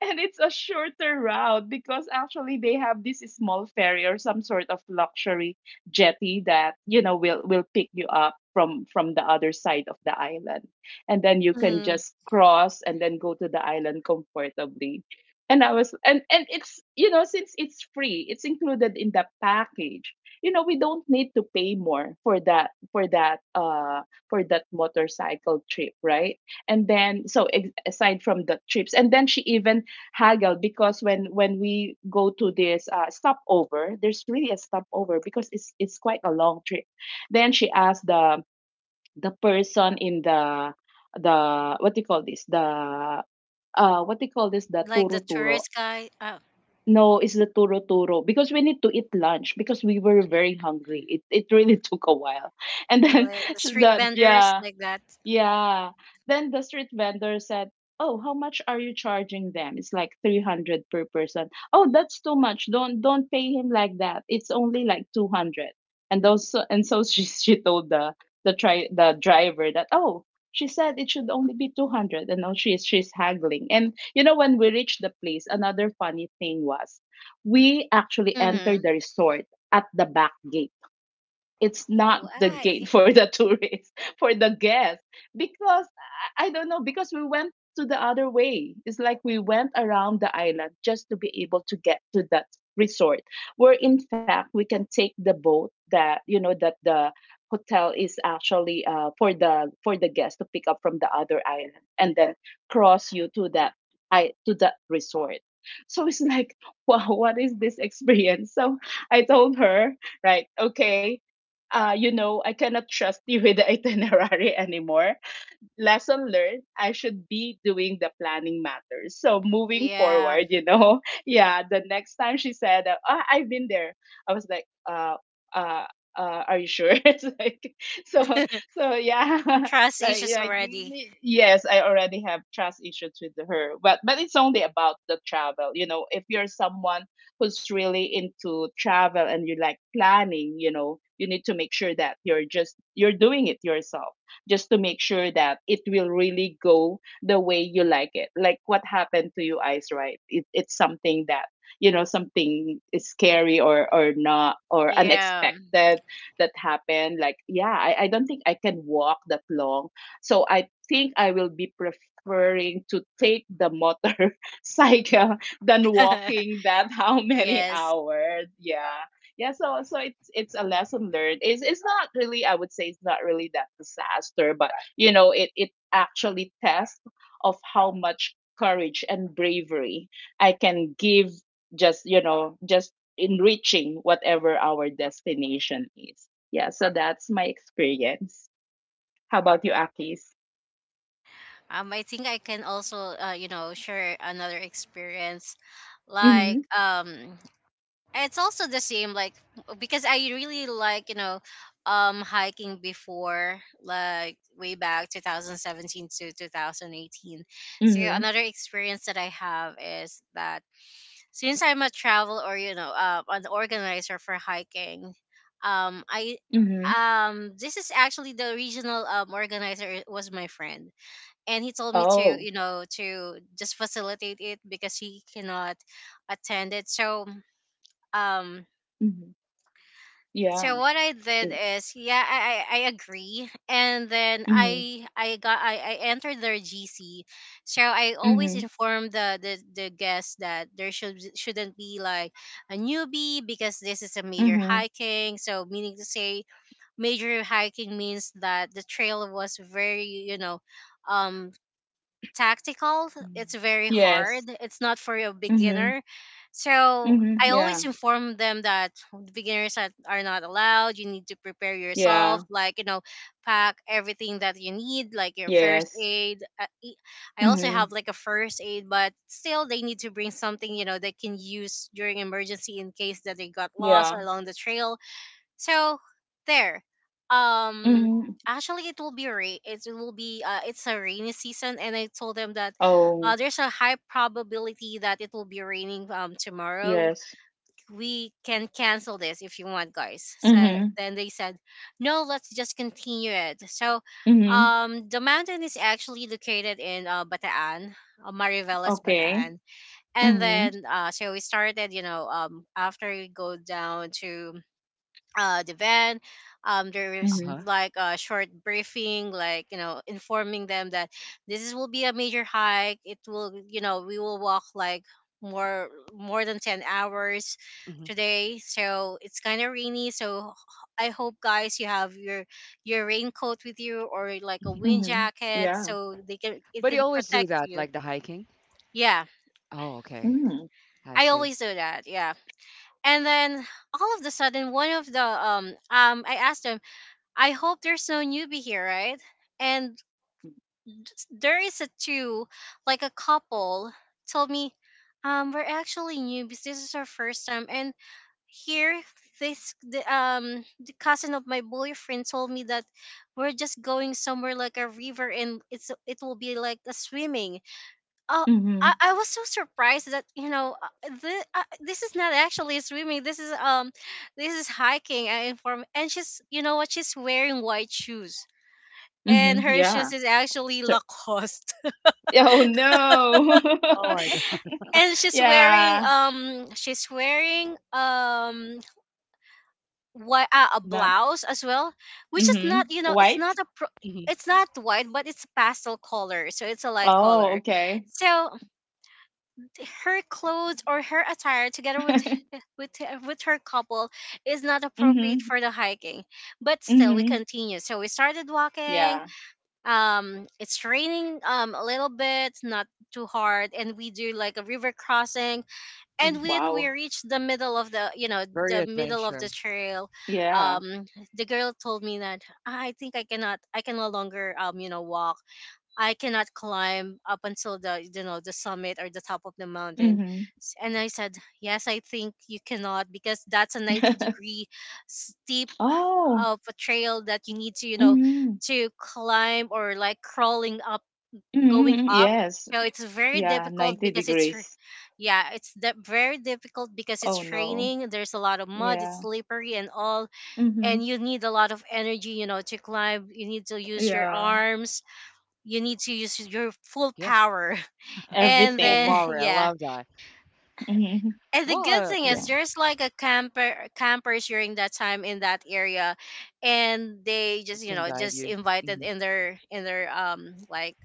A: and it's a shorter route because actually they have this small ferry or some sort of luxury jetty that, you know, will pick you up from the other side of the island. And then you can
B: Mhm.
A: just cross and then go to the island comfortably. And I was and it's, you know, since it's free, it's included in the package. You know, we don't need to pay more for that motorcycle trip, right? And then so aside from the trips, and then she even haggled, because when we go to this stopover, there's really a stopover because it's quite a long trip. Then she asked the person in the what do you call this the what do you call this the
B: Like
A: turo
B: the
A: turo.
B: tourist guy.
A: No, it's the turo turo, because we need to eat lunch because we were very hungry. It really took a while. And then
B: Like the
A: she-
B: street
A: the
B: vendors,
A: yeah
B: like that.
A: yeah. Then the street vendor said, "Oh, how much are you charging them? It's like 300 per person. Oh, that's too much. Don't pay him like that. It's only like 200." And those and so she told the tri the driver that, "Oh, she said it should only be 200." And now she's haggling. And you know, when we reached the place, another funny thing was we actually
B: Mm-hmm.
A: entered the resort at the back gate. It's not the
B: Why?
A: gate for the tourists, for the guests, because I don't know, because we went to the other way. It's like we went around the island just to be able to get to that resort, where in fact we can take the boat that, you know, that the hotel is actually for the guests to pick up from the other island and then cross you to that I to that resort. So it's like, wow, what is this experience? So I told her, right, okay, you know, I cannot trust you with the itinerary anymore. Lesson learned, I should be doing the planning matters. So moving
B: Yeah.
A: forward, you know, yeah, the next time she said, "Ah, I've been there." I was like, uh, are you sure? It's like, so, so yeah,
B: Trust issues
A: like,
B: already.
A: mm, yes, I already have trust issues with her, but it's only about the travel. You know, if you're someone who's really into travel and you like planning, you know, you need to make sure that you're doing it yourself, just to make sure that it will really go the way you like it. Like what happened to you eyes, right? It's something that, you know, something is scary or not or
B: Yeah.
A: unexpected that happened. Like, yeah, I don't think I can walk that long. So I think I will be preferring to take the motor cycle than walking that how many
B: Yes.
A: hours. Yeah. Yeah, so it's a lesson learned. It's not really, I would say it's not really that disaster, but you know, it actually tests of how much courage and bravery I can give, just, you know, just in reaching whatever our destination is. Yeah, so that's my experience. How about you, Akis?
B: I think I can also, you know, share another experience. Like,
A: Mhm.
B: it's also the same, like, because I really like, you know, hiking before, like, way back 2017 to 2018. So
A: Mhm.
B: another experience that I have is that, since I'm a travel or you know, an organizer for hiking, I
A: Mhm.
B: this is actually the regional, organizer was my friend, and he told me to,
A: Oh.
B: just facilitate it because he cannot attend it. So, um
A: Mhm. Yeah.
B: so what I did
A: It-
B: is, yeah, I agree, and then
A: Mhm.
B: I entered their GC, so I always
A: Mhm.
B: inform the guests that there shouldn't be like a newbie because this is a major
A: Mhm.
B: hiking. So meaning to say, major hiking means that the trail was very um tactical.
A: Mm.
B: It's very hard.
A: Yes.
B: It's not for a
A: Mm-hmm.
B: beginner. So I
A: Mm-hmm. Yeah.
B: always inform them that beginners are not allowed. You need to prepare yourself,
A: Yeah.
B: pack everything that you need, like your first
A: Yes.
B: aid. I also have
A: Mhm.
B: like a first aid, but still they need to bring something, you know, they can use during emergency in case that they got lost
A: Yeah.
B: along the trail so there. Um
A: Mhm.
B: Actually it it will be it's a rainy season, and I told them that
A: Oh,
B: there's a high probability that it will be raining tomorrow.
A: yes.
B: We can cancel this if you want, guys. So
A: Mhm.
B: then they said, "No, let's just continue it." So
A: Mhm.
B: um the mountain is actually located in Bataan, Mariveles
A: Okay.
B: Bataan. And
A: Mhm.
B: then we started, you know, after we go down to the van. There's
A: Mhm.
C: Uh-huh.
B: like a short briefing, like you know, informing them that will be a major hike. It will, you know, we will walk like more more than 10 hours
C: hmm
B: today. So it's kind of rainy. I hope, guys, you have your raincoat with you, or like a wind
A: Mhm.
B: jacket,
A: Yeah.
B: so they can it
C: But you
B: can
C: always do
B: protect
C: that,
B: you.
C: like the hiking?
B: Yeah,
C: Oh, okay.
A: Mhm.
C: I
B: I
C: see.
B: always do that. Yeah, and then all of the sudden one of the I asked them, I hope there's no newbie here, right? And d- there is a two, like a couple, told me, we're actually newbies. This is our first time, and here this the cousin of my boyfriend told me that we're just going somewhere like a river, and it will be like a swimming. Oh.
A: Mhm.
B: I was so surprised that you know this, this is not actually swimming, this is hiking, I inform, and she's, you know what, she's wearing white shoes, and
A: Mhm.
B: her
A: Yeah.
B: shoes is actually
A: Stir-
B: Lacoste.
A: oh no.
C: Oh my God.
B: And
A: Yeah.
B: she's wearing what a
A: Not.
B: blouse as well, which is
A: Mhm.
B: not, you know,
A: White.
C: hmm
B: it's not white, but it's pastel color, so it's a light
A: Oh,
B: color.
A: okay.
B: So her clothes, or her attire together with with her couple, is not appropriate
A: Mhm.
B: for the hiking. But still we
A: Mhm.
B: continue. So we started walking.
A: Yeah.
B: It's raining a little bit, not too hard, and we do like a river crossing, and
C: hmm
B: when we
A: Wow.
B: reached the middle of the, you know,
C: Very
B: the middle of
C: adventure.
B: the trail,
A: Yeah.
B: um the girl told me that, I think I cannot, I can no longer, you know, walk. I cannot climb up until the, you know, the summit or the top of the mountain.
A: Mhm.
B: And I said, yes, I think you cannot, because that's a 90 degree steep
A: Oh.
B: of a trail that you need to, you know,
A: Mhm.
B: to climb, or like crawling up, going
A: Mm-hmm.
B: up.
A: Yes.
B: So it's very
A: Yeah,
B: difficult
A: 90
B: because
A: degrees.
B: yeah, it's that very difficult because
A: Oh
B: it's
A: no.
B: raining, there's a lot of mud, it's
A: Yeah.
B: slippery and all,
A: Mm-hmm.
B: and you need a lot of energy, you know, to climb. You need to use your
A: Yeah.
B: arms, you need to use your full
C: Yeah.
B: power. And
C: Cool
B: then
A: Everything.
C: power. I
B: yeah,
C: love that.
A: Mm-hmm.
B: and the
C: Well,
B: good
C: uh,
B: thing is
A: Yeah.
B: there's like a campers during that time in that area, and they just, you
C: can
B: know,
C: guide
B: just
C: you.
B: invited
C: Mm-hmm.
B: in their, like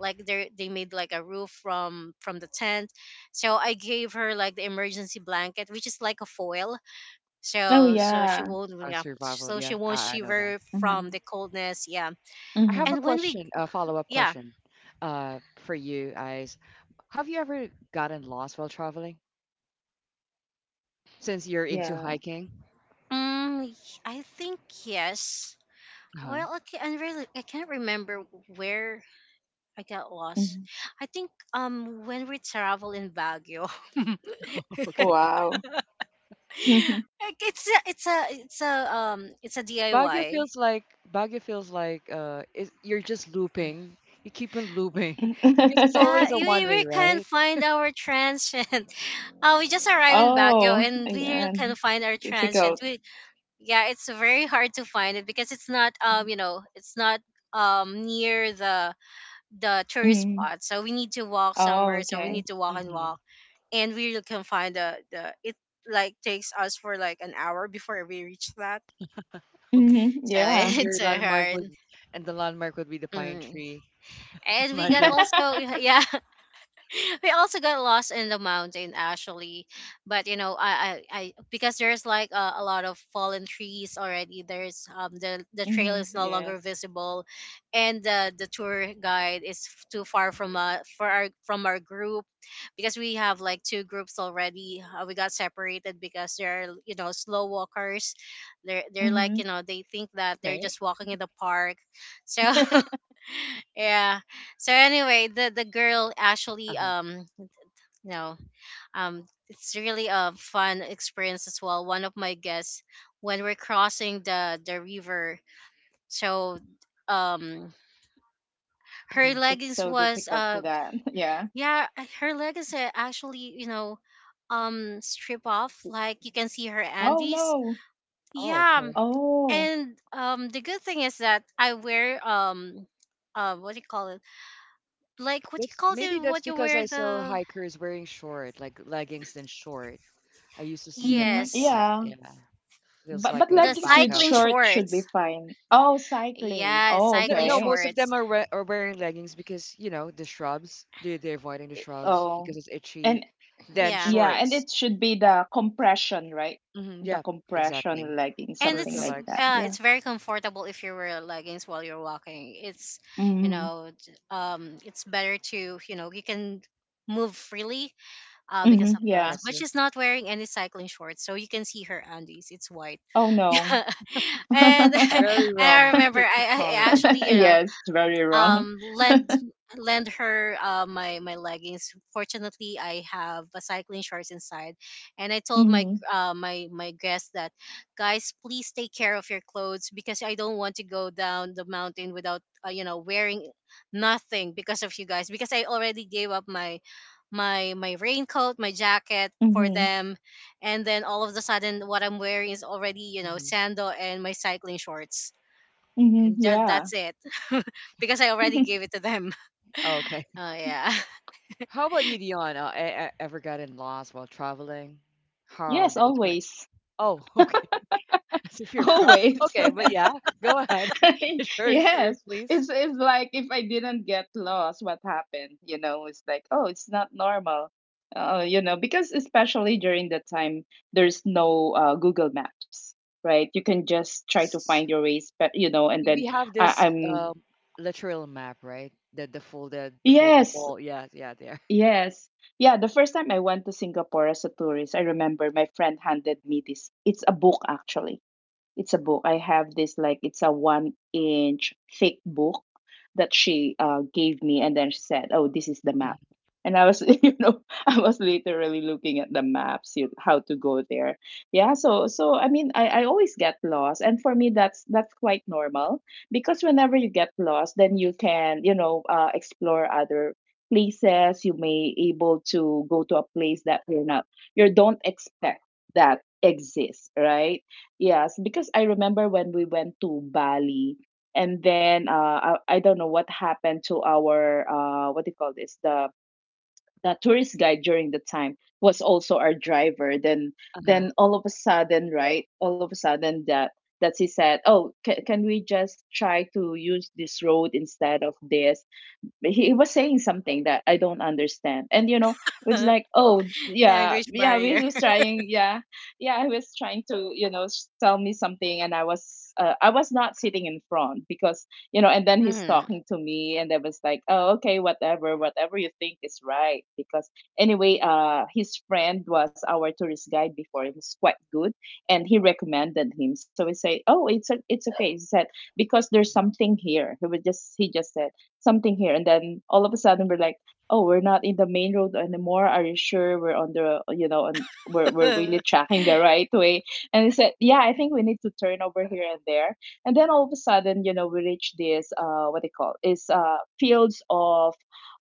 B: like they made like a roof from the tent. So I gave her like the emergency blanket, which is like a foil,
A: Oh
B: so she
A: yeah.
B: won't, yeah,
C: Survival.
B: so she
C: Yeah, I,
B: won't
C: I know that.
B: shiver from
A: Mm-hmm.
B: the coldness. Yeah.
C: I have
A: Mm-hmm.
C: a
B: And when we,
C: question, a follow-up
B: yeah,
C: question, for you guys. Have you ever gotten lost while traveling? Since you're into
A: Yeah.
C: hiking?
B: um I think yes.
C: Uh-huh.
B: Well, okay, I really, I can't remember where I got lost.
A: Mm-hmm.
B: I think when we travel in Baguio,
C: Okay.
A: Wow. Mhm.
B: like, it's a it's a
C: Baguio
B: DIY.
C: feels like Baguio feels like is you're just looping. You keep on looping because it's
B: Yeah,
C: always a
B: you, we
C: one way,
B: really can't
C: right?
B: find our transient. We just arrived in Baguio
A: Oh,
B: and we really
A: yeah.
B: can't find our transient.
A: Difficult.
B: We, yeah, it's very hard to find it because it's not, you know, it's not near the tourist
A: Mm-hmm.
B: spot. So we need to walk
A: Oh,
B: somewhere. So we
A: okay.
B: need to walk and
C: hmm
B: walk, and we really can find the it, like, takes us for like an hour before we reach that.
C: Okay.
A: Mm-hmm.
B: So
A: Yeah.
C: And
B: it's
C: your
B: so
C: landmark
B: hard.
C: would and the landmark would be the pine
B: Mm.
C: tree.
B: And we got
C: Imagine.
B: also yeah, we also got lost in the mountain actually, but you know, I, because there's like a lot of fallen trees already, there's, the trail
A: Mm-hmm.
B: is no longer
A: Yes.
B: visible, and the tour guide too far from for our from our group, because we have like two groups already. We got separated because they're, you know, slow walkers, they're, like,
A: Mm-hmm.
B: you know, they think that they're
C: Okay.
B: just walking in the park. So yeah. So anyway, the girl actually
C: Uh-huh.
B: no. It's really a fun experience as well. One of my guests, when we're crossing the river, so, um, her
C: hmm
A: It's
B: leggings
A: so
B: was,
A: difficult with that. Yeah.
B: yeah, her leggings are actually, you know, strip off. Like you can see her
A: Oh
B: Andes.
A: no.
C: Oh,
B: Yeah,
C: okay.
A: Oh.
B: and, the good thing is that I wear, what do you call it? Like, what do you
C: That's
B: call
C: maybe
B: it?
C: that's
B: What you
C: because
B: wear,
C: I saw
B: the
C: hikers wearing short, like leggings and short. I used to see them
A: Mm-hmm.
C: like
B: yes,
C: that.
A: Yeah.
C: Yeah. Feels
A: But
C: like
A: but
C: a
B: the
A: leggings with
C: backup.
B: cycling
A: short should be
B: shorts.
A: fine. Oh, cycling.
B: Yeah,
A: Oh,
C: No,
B: cycling
C: no,
A: okay.
C: most of
B: shorts.
C: them are we are wearing leggings because, you know, the shrubs. They're avoiding the
A: I-
C: shrubs
A: Oh,
C: because it's itchy.
A: and
C: Then
B: Yeah,
A: yeah, and
C: shorts.
A: it should be the compression, right? The
C: Yeah, exactly.
A: compression legging,
B: and
A: something
C: For
B: it's,
A: like
C: legs.
A: that. Yeah.
B: it's very comfortable if you wear leggings while you're walking. It's, you
A: Mm-hmm.
B: know, it's better to, you know, you can move freely because
A: Mm-hmm.
B: of the
C: I
B: legs.
A: Yeah.
B: But
C: see.
B: she's not wearing any cycling shorts, so you can see her undies. It's white.
A: Oh no.
B: Yeah, and
C: Very
B: I
C: wrong
B: remember
C: pick of
B: I
C: color.
B: actually, you know,
A: Yes, it's very wrong.
B: um lend lend her my leggings. Fortunately I have a cycling shorts inside, and I told my,
A: Mm-hmm.
B: my guests that, guys, please take care of your clothes, because I don't want to go down the mountain without, you know, wearing nothing because of you guys, because I already gave up my my raincoat, my jacket for
A: Mm-hmm.
B: them. And then all of the sudden, what I'm wearing is already, you know,
C: hmm
B: sandal and my cycling shorts,
A: Mm-hmm.
B: and just
A: Yeah.
B: that's it. Because I already gave it to them.
C: Okay.
B: Oh yeah.
C: How about you, Dion? Ever gotten lost while traveling? How
A: Yes,
C: did it went?
A: always.
C: Oh, okay. As if you're pro.
A: Always.
C: Okay, but yeah, go ahead. Share your
A: yes,
C: experience,
A: it's like if I didn't get lost, what happened, you know. It's like, oh, it's not normal. You know, because especially during that time, there's no Google Maps, right? You can just try to find
C: please.
A: your ways, but you know. And
C: we,
A: then
C: we have
A: I,
C: this
A: I'm
C: um, literal map, right? The
A: yes,
C: ball. Yeah, yeah, there.
A: yes, yeah, the first time I went to Singapore as a tourist, I remember my friend handed me this. It's a book, actually. It's a book. I have this like, it's a one inch thick book that she gave me, and then she said, "Oh, this is the
C: Mhm.
A: map." And I was, you know, I was literally looking at the maps, you how to go there. Yeah, so I mean, I always get lost, and for me, that's quite normal, because whenever you get lost, then you can, you know, explore other places. You may able to go to a place that you're not, you don't expect that exists, right? Yes, because I remember when we went to Bali. And then I don't know what happened to our what do you call this, the tourist guide during the time was also our driver then.
C: Uh-huh.
A: Then all of a sudden, right, all of a sudden that he said, "Oh, can we just try to use this road instead of this?" He was saying something that I don't understand. And you know, it's like, oh yeah,
B: Language
A: yeah, we
B: barrier.
A: was trying, yeah, yeah, I was trying to, you know, tell me something. And I was not sitting in front because, you know, and then he's
B: Hmm.
A: talking to me. And I was like, oh, okay, whatever, whatever you think is right, because anyway, his friend was our tourist guide before, he was quite good, and he recommended him. So we say, oh, it's it's okay. He said because there's something here. He was just, he just said something here. And then all of a sudden we're like, oh, we're not in the main road anymore. Are you sure we're on the, you know, on, we're really tracking the right way? And they said, yeah, I think we need to turn over here and there. And then all of a sudden, you know, we reach this what they call is fields of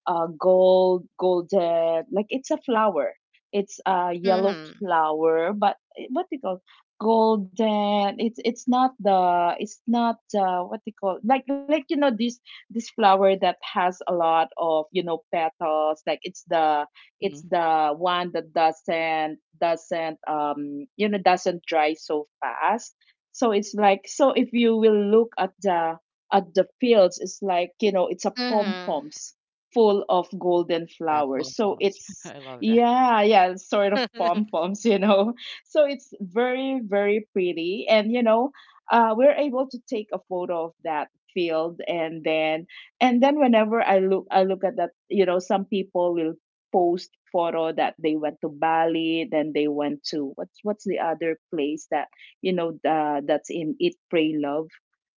A: gold, golden, like it's a flower. It's a yellow
B: Hmm.
A: flower. But, eh, what they call golden, it's not the, it's not what they call, like, you know, this flower that has a lot of, you know, petals. Like, it's the,
C: mhm.
A: it's the one that doesn't um, you know, doesn't dry so fast. So it's like, so if you will look at the fields, it's like, you know, it's a pom
B: Hmm.
A: poms full of golden
C: Yeah,
A: flowers.
C: pom
A: So
C: poms.
A: it's
C: I love that.
A: yeah, yeah, sort of pom poms, you know, so it's very very pretty. And you know, we're able to take a photo of that field. And then and then whenever I look at that, you know, some people will post photo that they went to Bali, then they went to, what's the other place that, you know, that's in Eat Pray Love,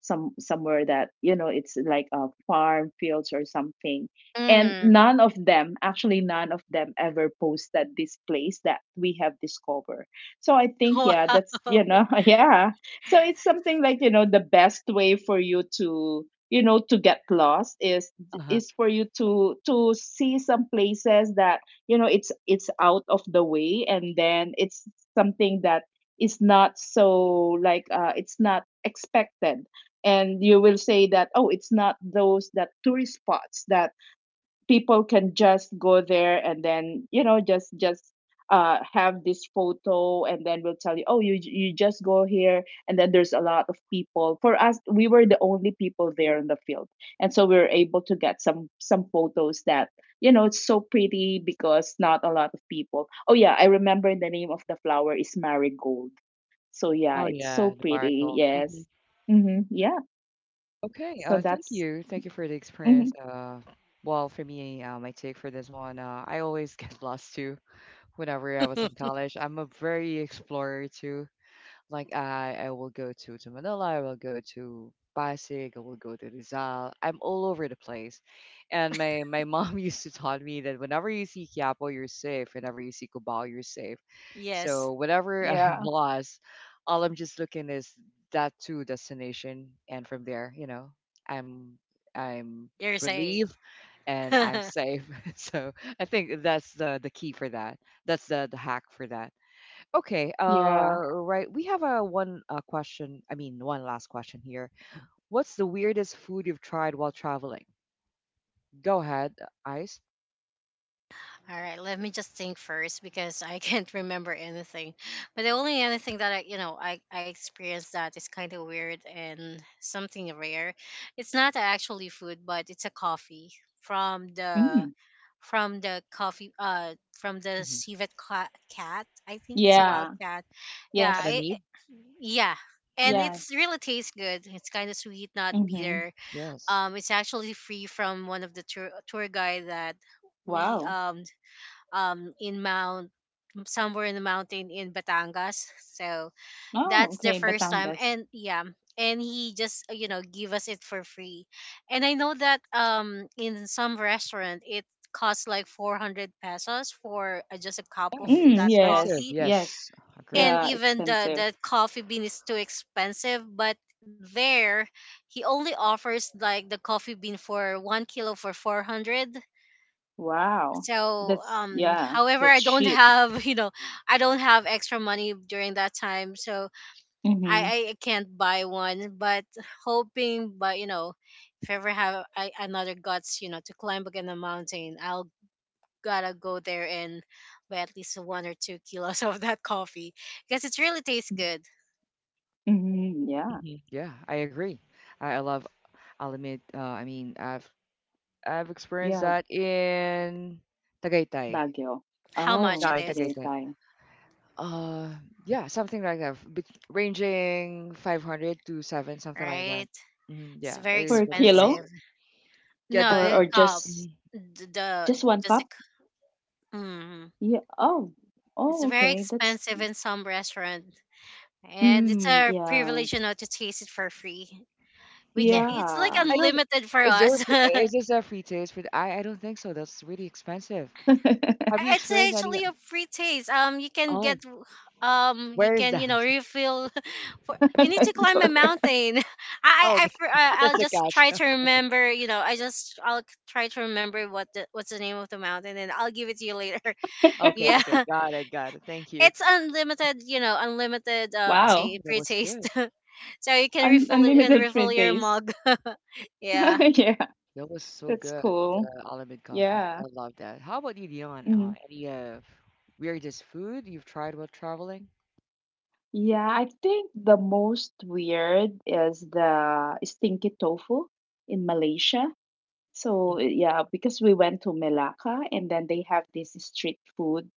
A: somewhere that, you know, it's like a farm fields or something. And
B: Hmm.
A: none of them actually, none of them ever posted this place that we have discovered. So I think,
B: Wow.
A: yeah, that's, you know, yeah, so it's something like, you know, the best way for you to, you know, to get lost is
C: Uh-huh.
A: for you to see some places that, you know, it's out of the way. And then it's something that is not so like, it's not expected. And you will say that, oh, it's not those that tourist spots that people can just go there and then, you know, just have this photo, and then we'll tell you, oh, you just go here. And then there's a lot of people. For us, we were the only people there in the field. And so we were able to get some photos that, you know, it's so pretty because not a lot of people. Oh yeah, I remember, the name of the flower is marigold. So yeah,
C: Oh
A: it's
C: yeah,
A: so
C: the
A: pretty.
C: miracle.
A: Yes. Mm-hmm. Yeah.
C: Okay.
A: So
C: Thank
A: that's
C: you. Thank you for the
A: mhm.
C: experience. Well, for me, my take for this one, I always get lost too. Whenever I was in college, I'm a very explorer too. I will go to Manila, I will go to Pasig, I will go to Rizal. I'm all over the place. And my mom used to taught me that whenever you see Quiapo, you're safe. Whenever you see Cubao, you're safe.
B: Yes,
C: So whenever I'm
A: Yeah.
C: lost, all I'm just looking is that two destination. And from there, you know, I'm I'm
B: you're safe.
C: relieved and
B: All
C: I'm safe. So I think that's the key for that. That's the hack for that. Okay,
A: Yeah.
C: right. We have a one question. I mean, one last question here. What's the weirdest food you've tried while traveling? Go ahead, Ice.
B: right, let me just think first, because I can't remember anything. But the only other thing that I, you know, I experienced that is kind of weird and something rare. It's not actually food, but it's a coffee from the
A: Mm.
B: from the coffee from the
C: Mm-hmm.
B: civet cat. I think it's a wild
C: hmm
A: Yeah.
B: cat.
C: And
B: Yeah,
A: Yes.
C: Amid?
B: yeah,
C: Mhm.
B: and
A: Yeah.
B: it's really tastes good, it's kind of sweet, not
A: Mhm.
B: bitter.
C: Yes.
B: It's actually free from one of the tour guide that we,
A: Wow.
B: um, in mount, somewhere in the mountain in Batangas. So
A: Oh,
B: that's the
A: okay,
B: first time,
A: Batangas.
B: and yeah, and he just, you know, give us it for free. And I know that, in some restaurant, it costs like 400 pesos for, just a cup
C: Yeah,
B: of
C: it's
A: Mm,
B: that
C: expensive.
A: yes.
B: coffee.
A: Yes.
C: Yes,
B: And
C: agree.
A: Yeah,
B: even
A: expensive.
B: the coffee bean is too expensive, but there, he only offers like the coffee bean for 1 kilo for 400.
A: Wow.
B: So,
A: That's yeah,
B: however, I
A: that's
B: don't
A: cheap.
B: have you know, I don't have extra money during that time, so
A: Mhm.
B: I can't buy one, but hoping, but you know, if ever have I another guts, you know, to climb again a mountain, I'll gotta go there and buy at least 1 or 2 kilos of that coffee, because it really tastes good.
A: Mhm. Yeah.
C: Yeah, I agree. I love. I'll admit. I mean, I've experienced
A: Yeah,
C: that in Tagaytay.
A: Baguio.
B: How much
C: No,
B: it
A: Oh,
C: in
B: is,
C: Tagaytay.
A: Tagaytay.
C: Uh, yeah, something like that, ranging 500 to 7, something like that.
B: right? It's
C: Yeah, it
B: very
C: is
A: Per
C: very
A: kilo,
B: expensive.
C: expensive. Yeah,
B: No,
C: the
A: or
B: a
C: bean.
B: cup.
A: just
C: Mhm,
B: The,
A: one
B: does
A: cup?
B: it? Mm,
A: Yeah. Oh.
B: it's
A: Oh,
B: very
A: okay. That's
B: expensive in some restaurant, and it's
A: mm,
B: our
A: yeah.
B: privilege, you know, to taste it for free. We
C: Yeah.
B: can. It's like
A: Yeah.
C: I don't.
B: unlimited for us.
C: Is this a free taste for? I don't think so. That's really expensive. Have you
B: It's
C: experienced any?
B: actually a free taste. You can get,
C: Oh,
B: you
C: where is
B: can, you
C: that?
B: know, refill. For you need to
A: Let's
B: climb
A: go
B: a
A: there.
B: mountain.
C: Oh, okay. That's
B: I'll
C: the
B: just
C: catch.
B: try to remember. You know, I just, I'll try to remember what the, what's the name of the mountain, and I'll give it to you later.
C: Okay, okay,
B: Yeah,
C: okay. Got it, got it. Thank you.
B: it's unlimited. You know, unlimited ta
A: Wow.
C: Mm, that
B: free
C: was
B: taste.
C: good.
B: So you can
A: Un
B: refill it and
A: unlimited free
B: refill your
A: days.
B: mug. Yeah.
A: Yeah,
C: That was so
A: that's
C: good,
A: cool.
C: the Alamid coffee. I
A: Yeah.
C: love that. How about you, Dion? Uh,
A: Mhm.
C: any uh, weirdest food you've tried while traveling?
A: Yeah, I think the most weird is the stinky tofu in Malaysia. So,
C: Mhm.
A: yeah, because we went to Melaka and then they have this street food,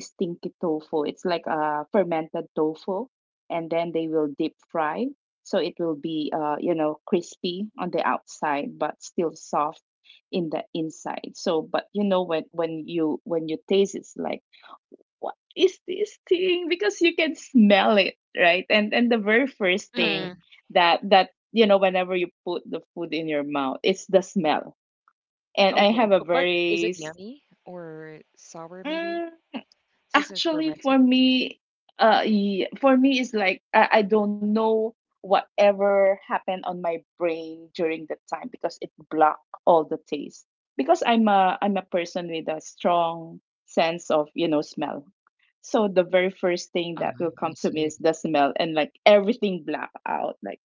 A: stinky tofu. It's like a fermented tofu and then they will deep fry. So it will be, you know, crispy on the outside, but still soft in the inside. So, but you know, when you taste it's like what is this thing because you can smell it, right? And the very first
C: Uh-huh.
A: thing
B: Mm.
A: that you know whenever you put the food in your mouth, it's the smell, and I
C: Okay,
A: have a
C: but is
A: very—
C: it yummy or sour maybe? Since it's
A: Actually,
C: fermented?
A: for me, for me, it's like I don't know whatever happened on my brain during that time, because it blocked all the taste. Because I'm a person with a strong sense of, you know, smell. So the very first thing
C: Ah,
A: that will
C: I
A: come to me
C: see.
A: is the smell, and like everything black out. Like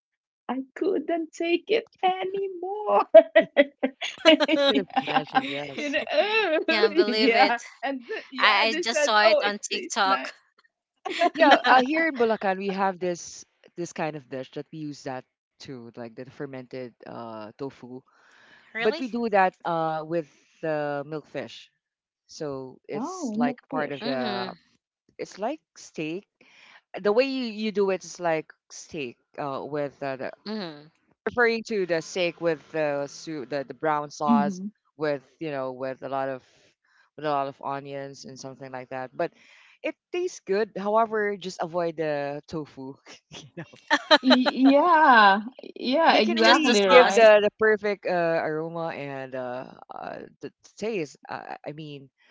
A: I couldn't take it anymore.
C: I could have
A: Yeah,
C: imagined,
A: you
C: yes.
A: know, oh,
B: Can't believe
A: yeah,
B: it.
A: and yeah,
B: I
A: they
B: just
A: said,
B: saw
A: oh,
B: it
A: it
B: on
A: tastes nice.
B: TikTok.
C: Yeah,
A: Yeah.
C: here in Bulacan, we have this kind of dish that we use that too, like the fermented tofu. But we
B: Really?
C: do that with milkfish. So it's
A: Oh, not
C: like part of
A: fish.
C: the —
B: Mm-hmm.
C: it's like steak. The way you do it is like steak with the
B: Mm-hmm.
C: referring to the steak with the brown
A: Hmm.
C: sauce with you know with a lot of, with a lot of onions and something like that. But it tastes good. However, just avoid the tofu. You know?
A: Yeah, yeah,
C: They can
B: Just the
C: really
A: exactly
C: give
B: sauce.
A: right.
C: the perfect aroma and the taste. I mean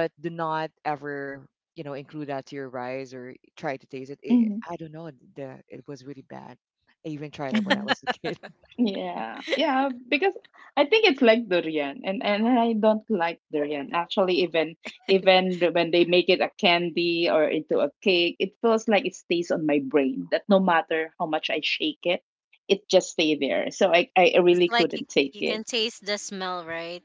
C: but do not ever you know include that to your rice or try to taste it.
A: Hmm.
C: I don't know, the it was really bad. I even tried it when I
A: Hmm.
C: was a kid.
A: Yeah, yeah, because I think it's like durian, and I don't like durian. Actually, even when they make it a candy or into a cake, it feels like it stays on my brain. That no matter how much I shake it, it just stay there. So I
B: It's
A: really
B: like you,
A: couldn't take
B: you
A: it.
B: can taste the smell, right?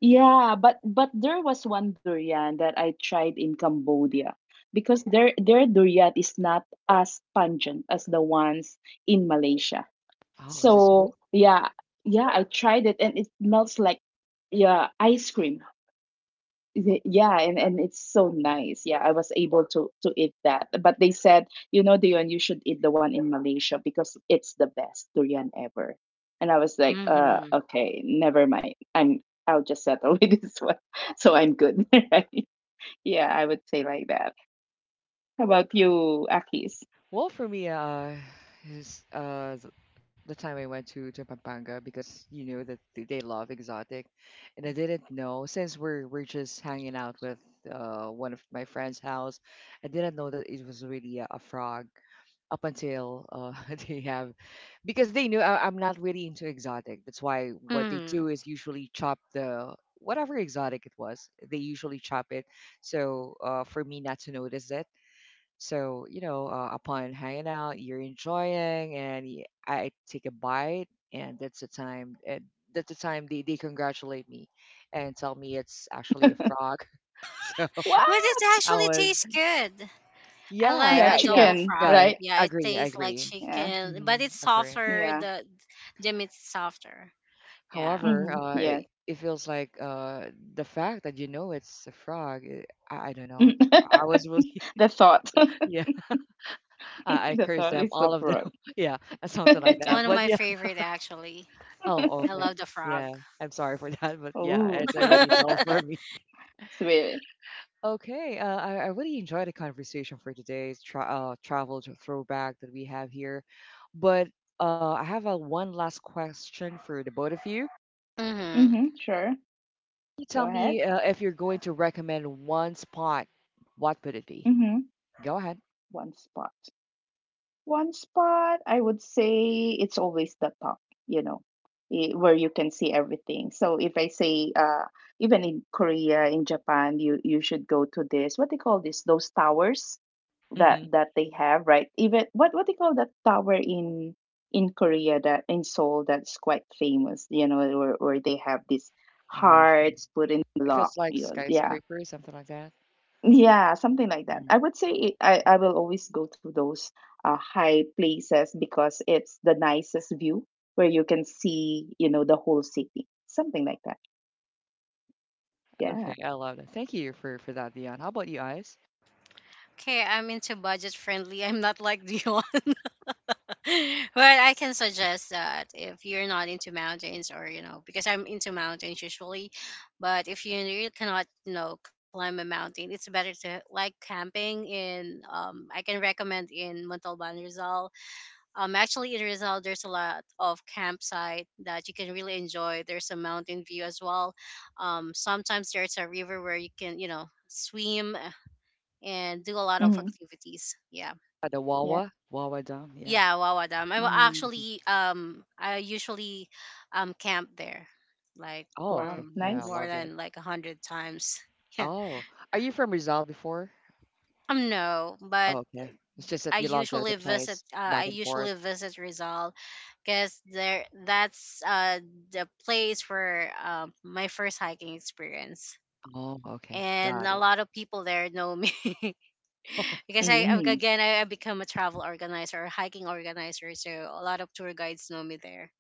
A: Yeah, but there was one durian that I tried in Cambodia because their durian is not as pungent as the ones in Malaysia.
C: Oh, is it —
A: So yeah, yeah, I tried it and it melts like, yeah, ice cream. Yeah, and it's so nice. Yeah, I was able to eat that. But they said, you know, Dion, you should eat the one in Malaysia because it's the best durian ever. And I was like,
B: Mm-hmm.
A: okay, never mind. I'll just settle with this one. So I'm good. Right? Yeah, I would say like that. How about you, Akis?
C: well, for me, is uh th- the time I went to Pampanga because you know that they love exotic, and I didn't know since we're just hanging out with one of my friend's house, I didn't know that it was really a frog up until they have because they knew I'm not really into exotic. That's why what they
B: Mm-hmm.
C: do is usually chop the whatever exotic it was. They usually chop it, so for me not to notice it so, you know, upon hanging out, you're enjoying, and I take a bite, and that's the time. And that's the time they congratulate me and tell me it's actually a frog. So
A: What?
B: But it
C: I
B: actually
C: was,
B: tastes good. I like
A: Yeah,
C: yeah,
B: adobo
A: chicken,
C: yeah.
B: frog.
A: right?
B: Yeah, it
C: Agree, I
B: tastes like
C: agree,
A: Yeah,
B: chicken, but
C: mm,
B: it's
C: agree.
A: yeah.
B: softer. The meat's softer. Yeah,
A: Mm-hmm.
C: However,
A: Yeah.
C: it feels like the fact that you know it's a frog. I don't know. I was really,
A: The thought.
C: yeah. I
A: The
C: cursed
A: thought
C: them,
A: is so
C: all of them.
A: broke.
C: Yeah, something like
B: it's
C: that.
B: one of
C: But
B: my
C: yeah.
B: favorite actually.
C: Oh,
B: I
C: okay.
B: love the frog.
C: Yeah, I'm sorry for that, but yeah,
A: Oh,
C: it's already
B: Mm-hmm.
C: no for me.
A: sweet.
C: Okay, I really enjoyed the conversation for today's travel throwback that we have here. But I have a one last question for the both of you. Can
A: Mm-hmm, sure.
C: you tell
A: Go ahead.
C: me if you're going to recommend one spot, what would it be?
A: Mm-hmm.
C: Go ahead.
A: One spot. One spot, I would say it's always the top, you know, where you can see everything. So if I say, even in Korea, in Japan, you should go to this. What they call this? Those towers that
C: hmm
A: that they have, right? Even what they call that tower in Korea, that in Seoul, that's quite famous, you know, where they have these
C: I'm not sure.
A: hearts put in
C: If
A: block,
C: it's like
A: you know, yeah.
C: skyscraper or something like that.
A: Yeah, something like that.
C: Mhm.
A: I would say it, I will always go to those high places because it's the nicest view where you can see, you know, the whole city. Something like that. Yeah.
C: Okay, I love that. Thank you for that, Dion. How about you guys?
B: Okay, I'm into budget friendly. I'm not like the one. Well, I can suggest that if you're not into mountains, or you know, because I'm into mountains usually, but if you really cannot, you know, climb a mountain, it's better to like camping in, I can recommend in Montalban Rizal. Actually in Rizal there's a lot of campsite that you can really enjoy. There's a mountain view as well. Sometimes there's a river where you can, you know, swim, and do a lot of
A: Mm-hmm.
B: activities. Yeah.
C: At the
A: Yeah.
C: Wawa, Wawa Dam, yeah.
B: Yeah, Wawa Dam. I will
A: Mm.
C: Mm-hmm.
B: actually I usually camp there like
C: Oh,
B: for
A: Wow.
C: okay. Yeah, I
A: Nice.
B: more
C: love it.
B: than like a hundred times. Yeah.
C: Oh, are you from Rizal before?
B: No,
C: Oh,
B: but
C: okay. It's just that
B: I
C: you love the
B: usually visit,
C: place back
B: I
C: and forth.
B: usually visit Rizal because there that's the place where my first hiking experience.
C: Oh, okay.
B: And
C: Got
B: a
C: it.
B: lot of people there know me because
A: Mm-hmm.
B: again I become a travel organizer or hiking organizer, so a lot of tour guides know me there.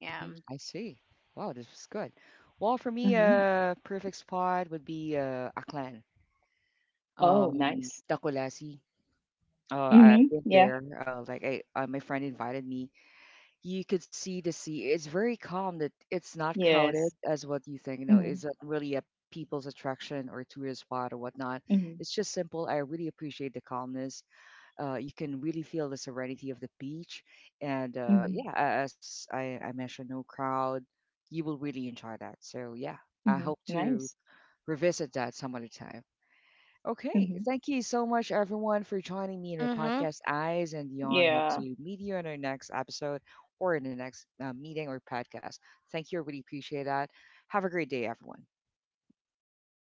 B: Yeah.
C: Mhm. I see. Wow, this is good. Well, for me,
A: Mm-hmm.
C: a perfect spot would be Aklan,
A: Oh, nice.
C: Tacolasi. Uh,
A: Mm-hmm.
C: I've been
A: Yeah.
C: there. My friend invited me — you could see the sea. It's very calm. That it's not crowded
A: Yes.
C: as what you think. You know,
A: Mm-hmm.
C: it's it really a people's attraction or tourist spot or whatnot?
A: Mm-hmm.
C: It's just simple. I really appreciate the calmness. You can really feel the serenity of the beach, and
A: Mm-hmm.
C: yeah, as I mentioned, no crowd. You will really enjoy that. So yeah, I
A: Mm-hmm.
C: hope to
A: Nice.
C: revisit that some other time. Okay,
A: Mm-hmm.
C: thank you so much, everyone, for joining me in my
B: Mm-hmm.
C: podcast, Eyes and Beyond. Hope
A: Yeah.
C: to meet you in our next episode or in the next meeting or podcast. Thank you. I really appreciate that. Have a great day, everyone.
A: Thanks.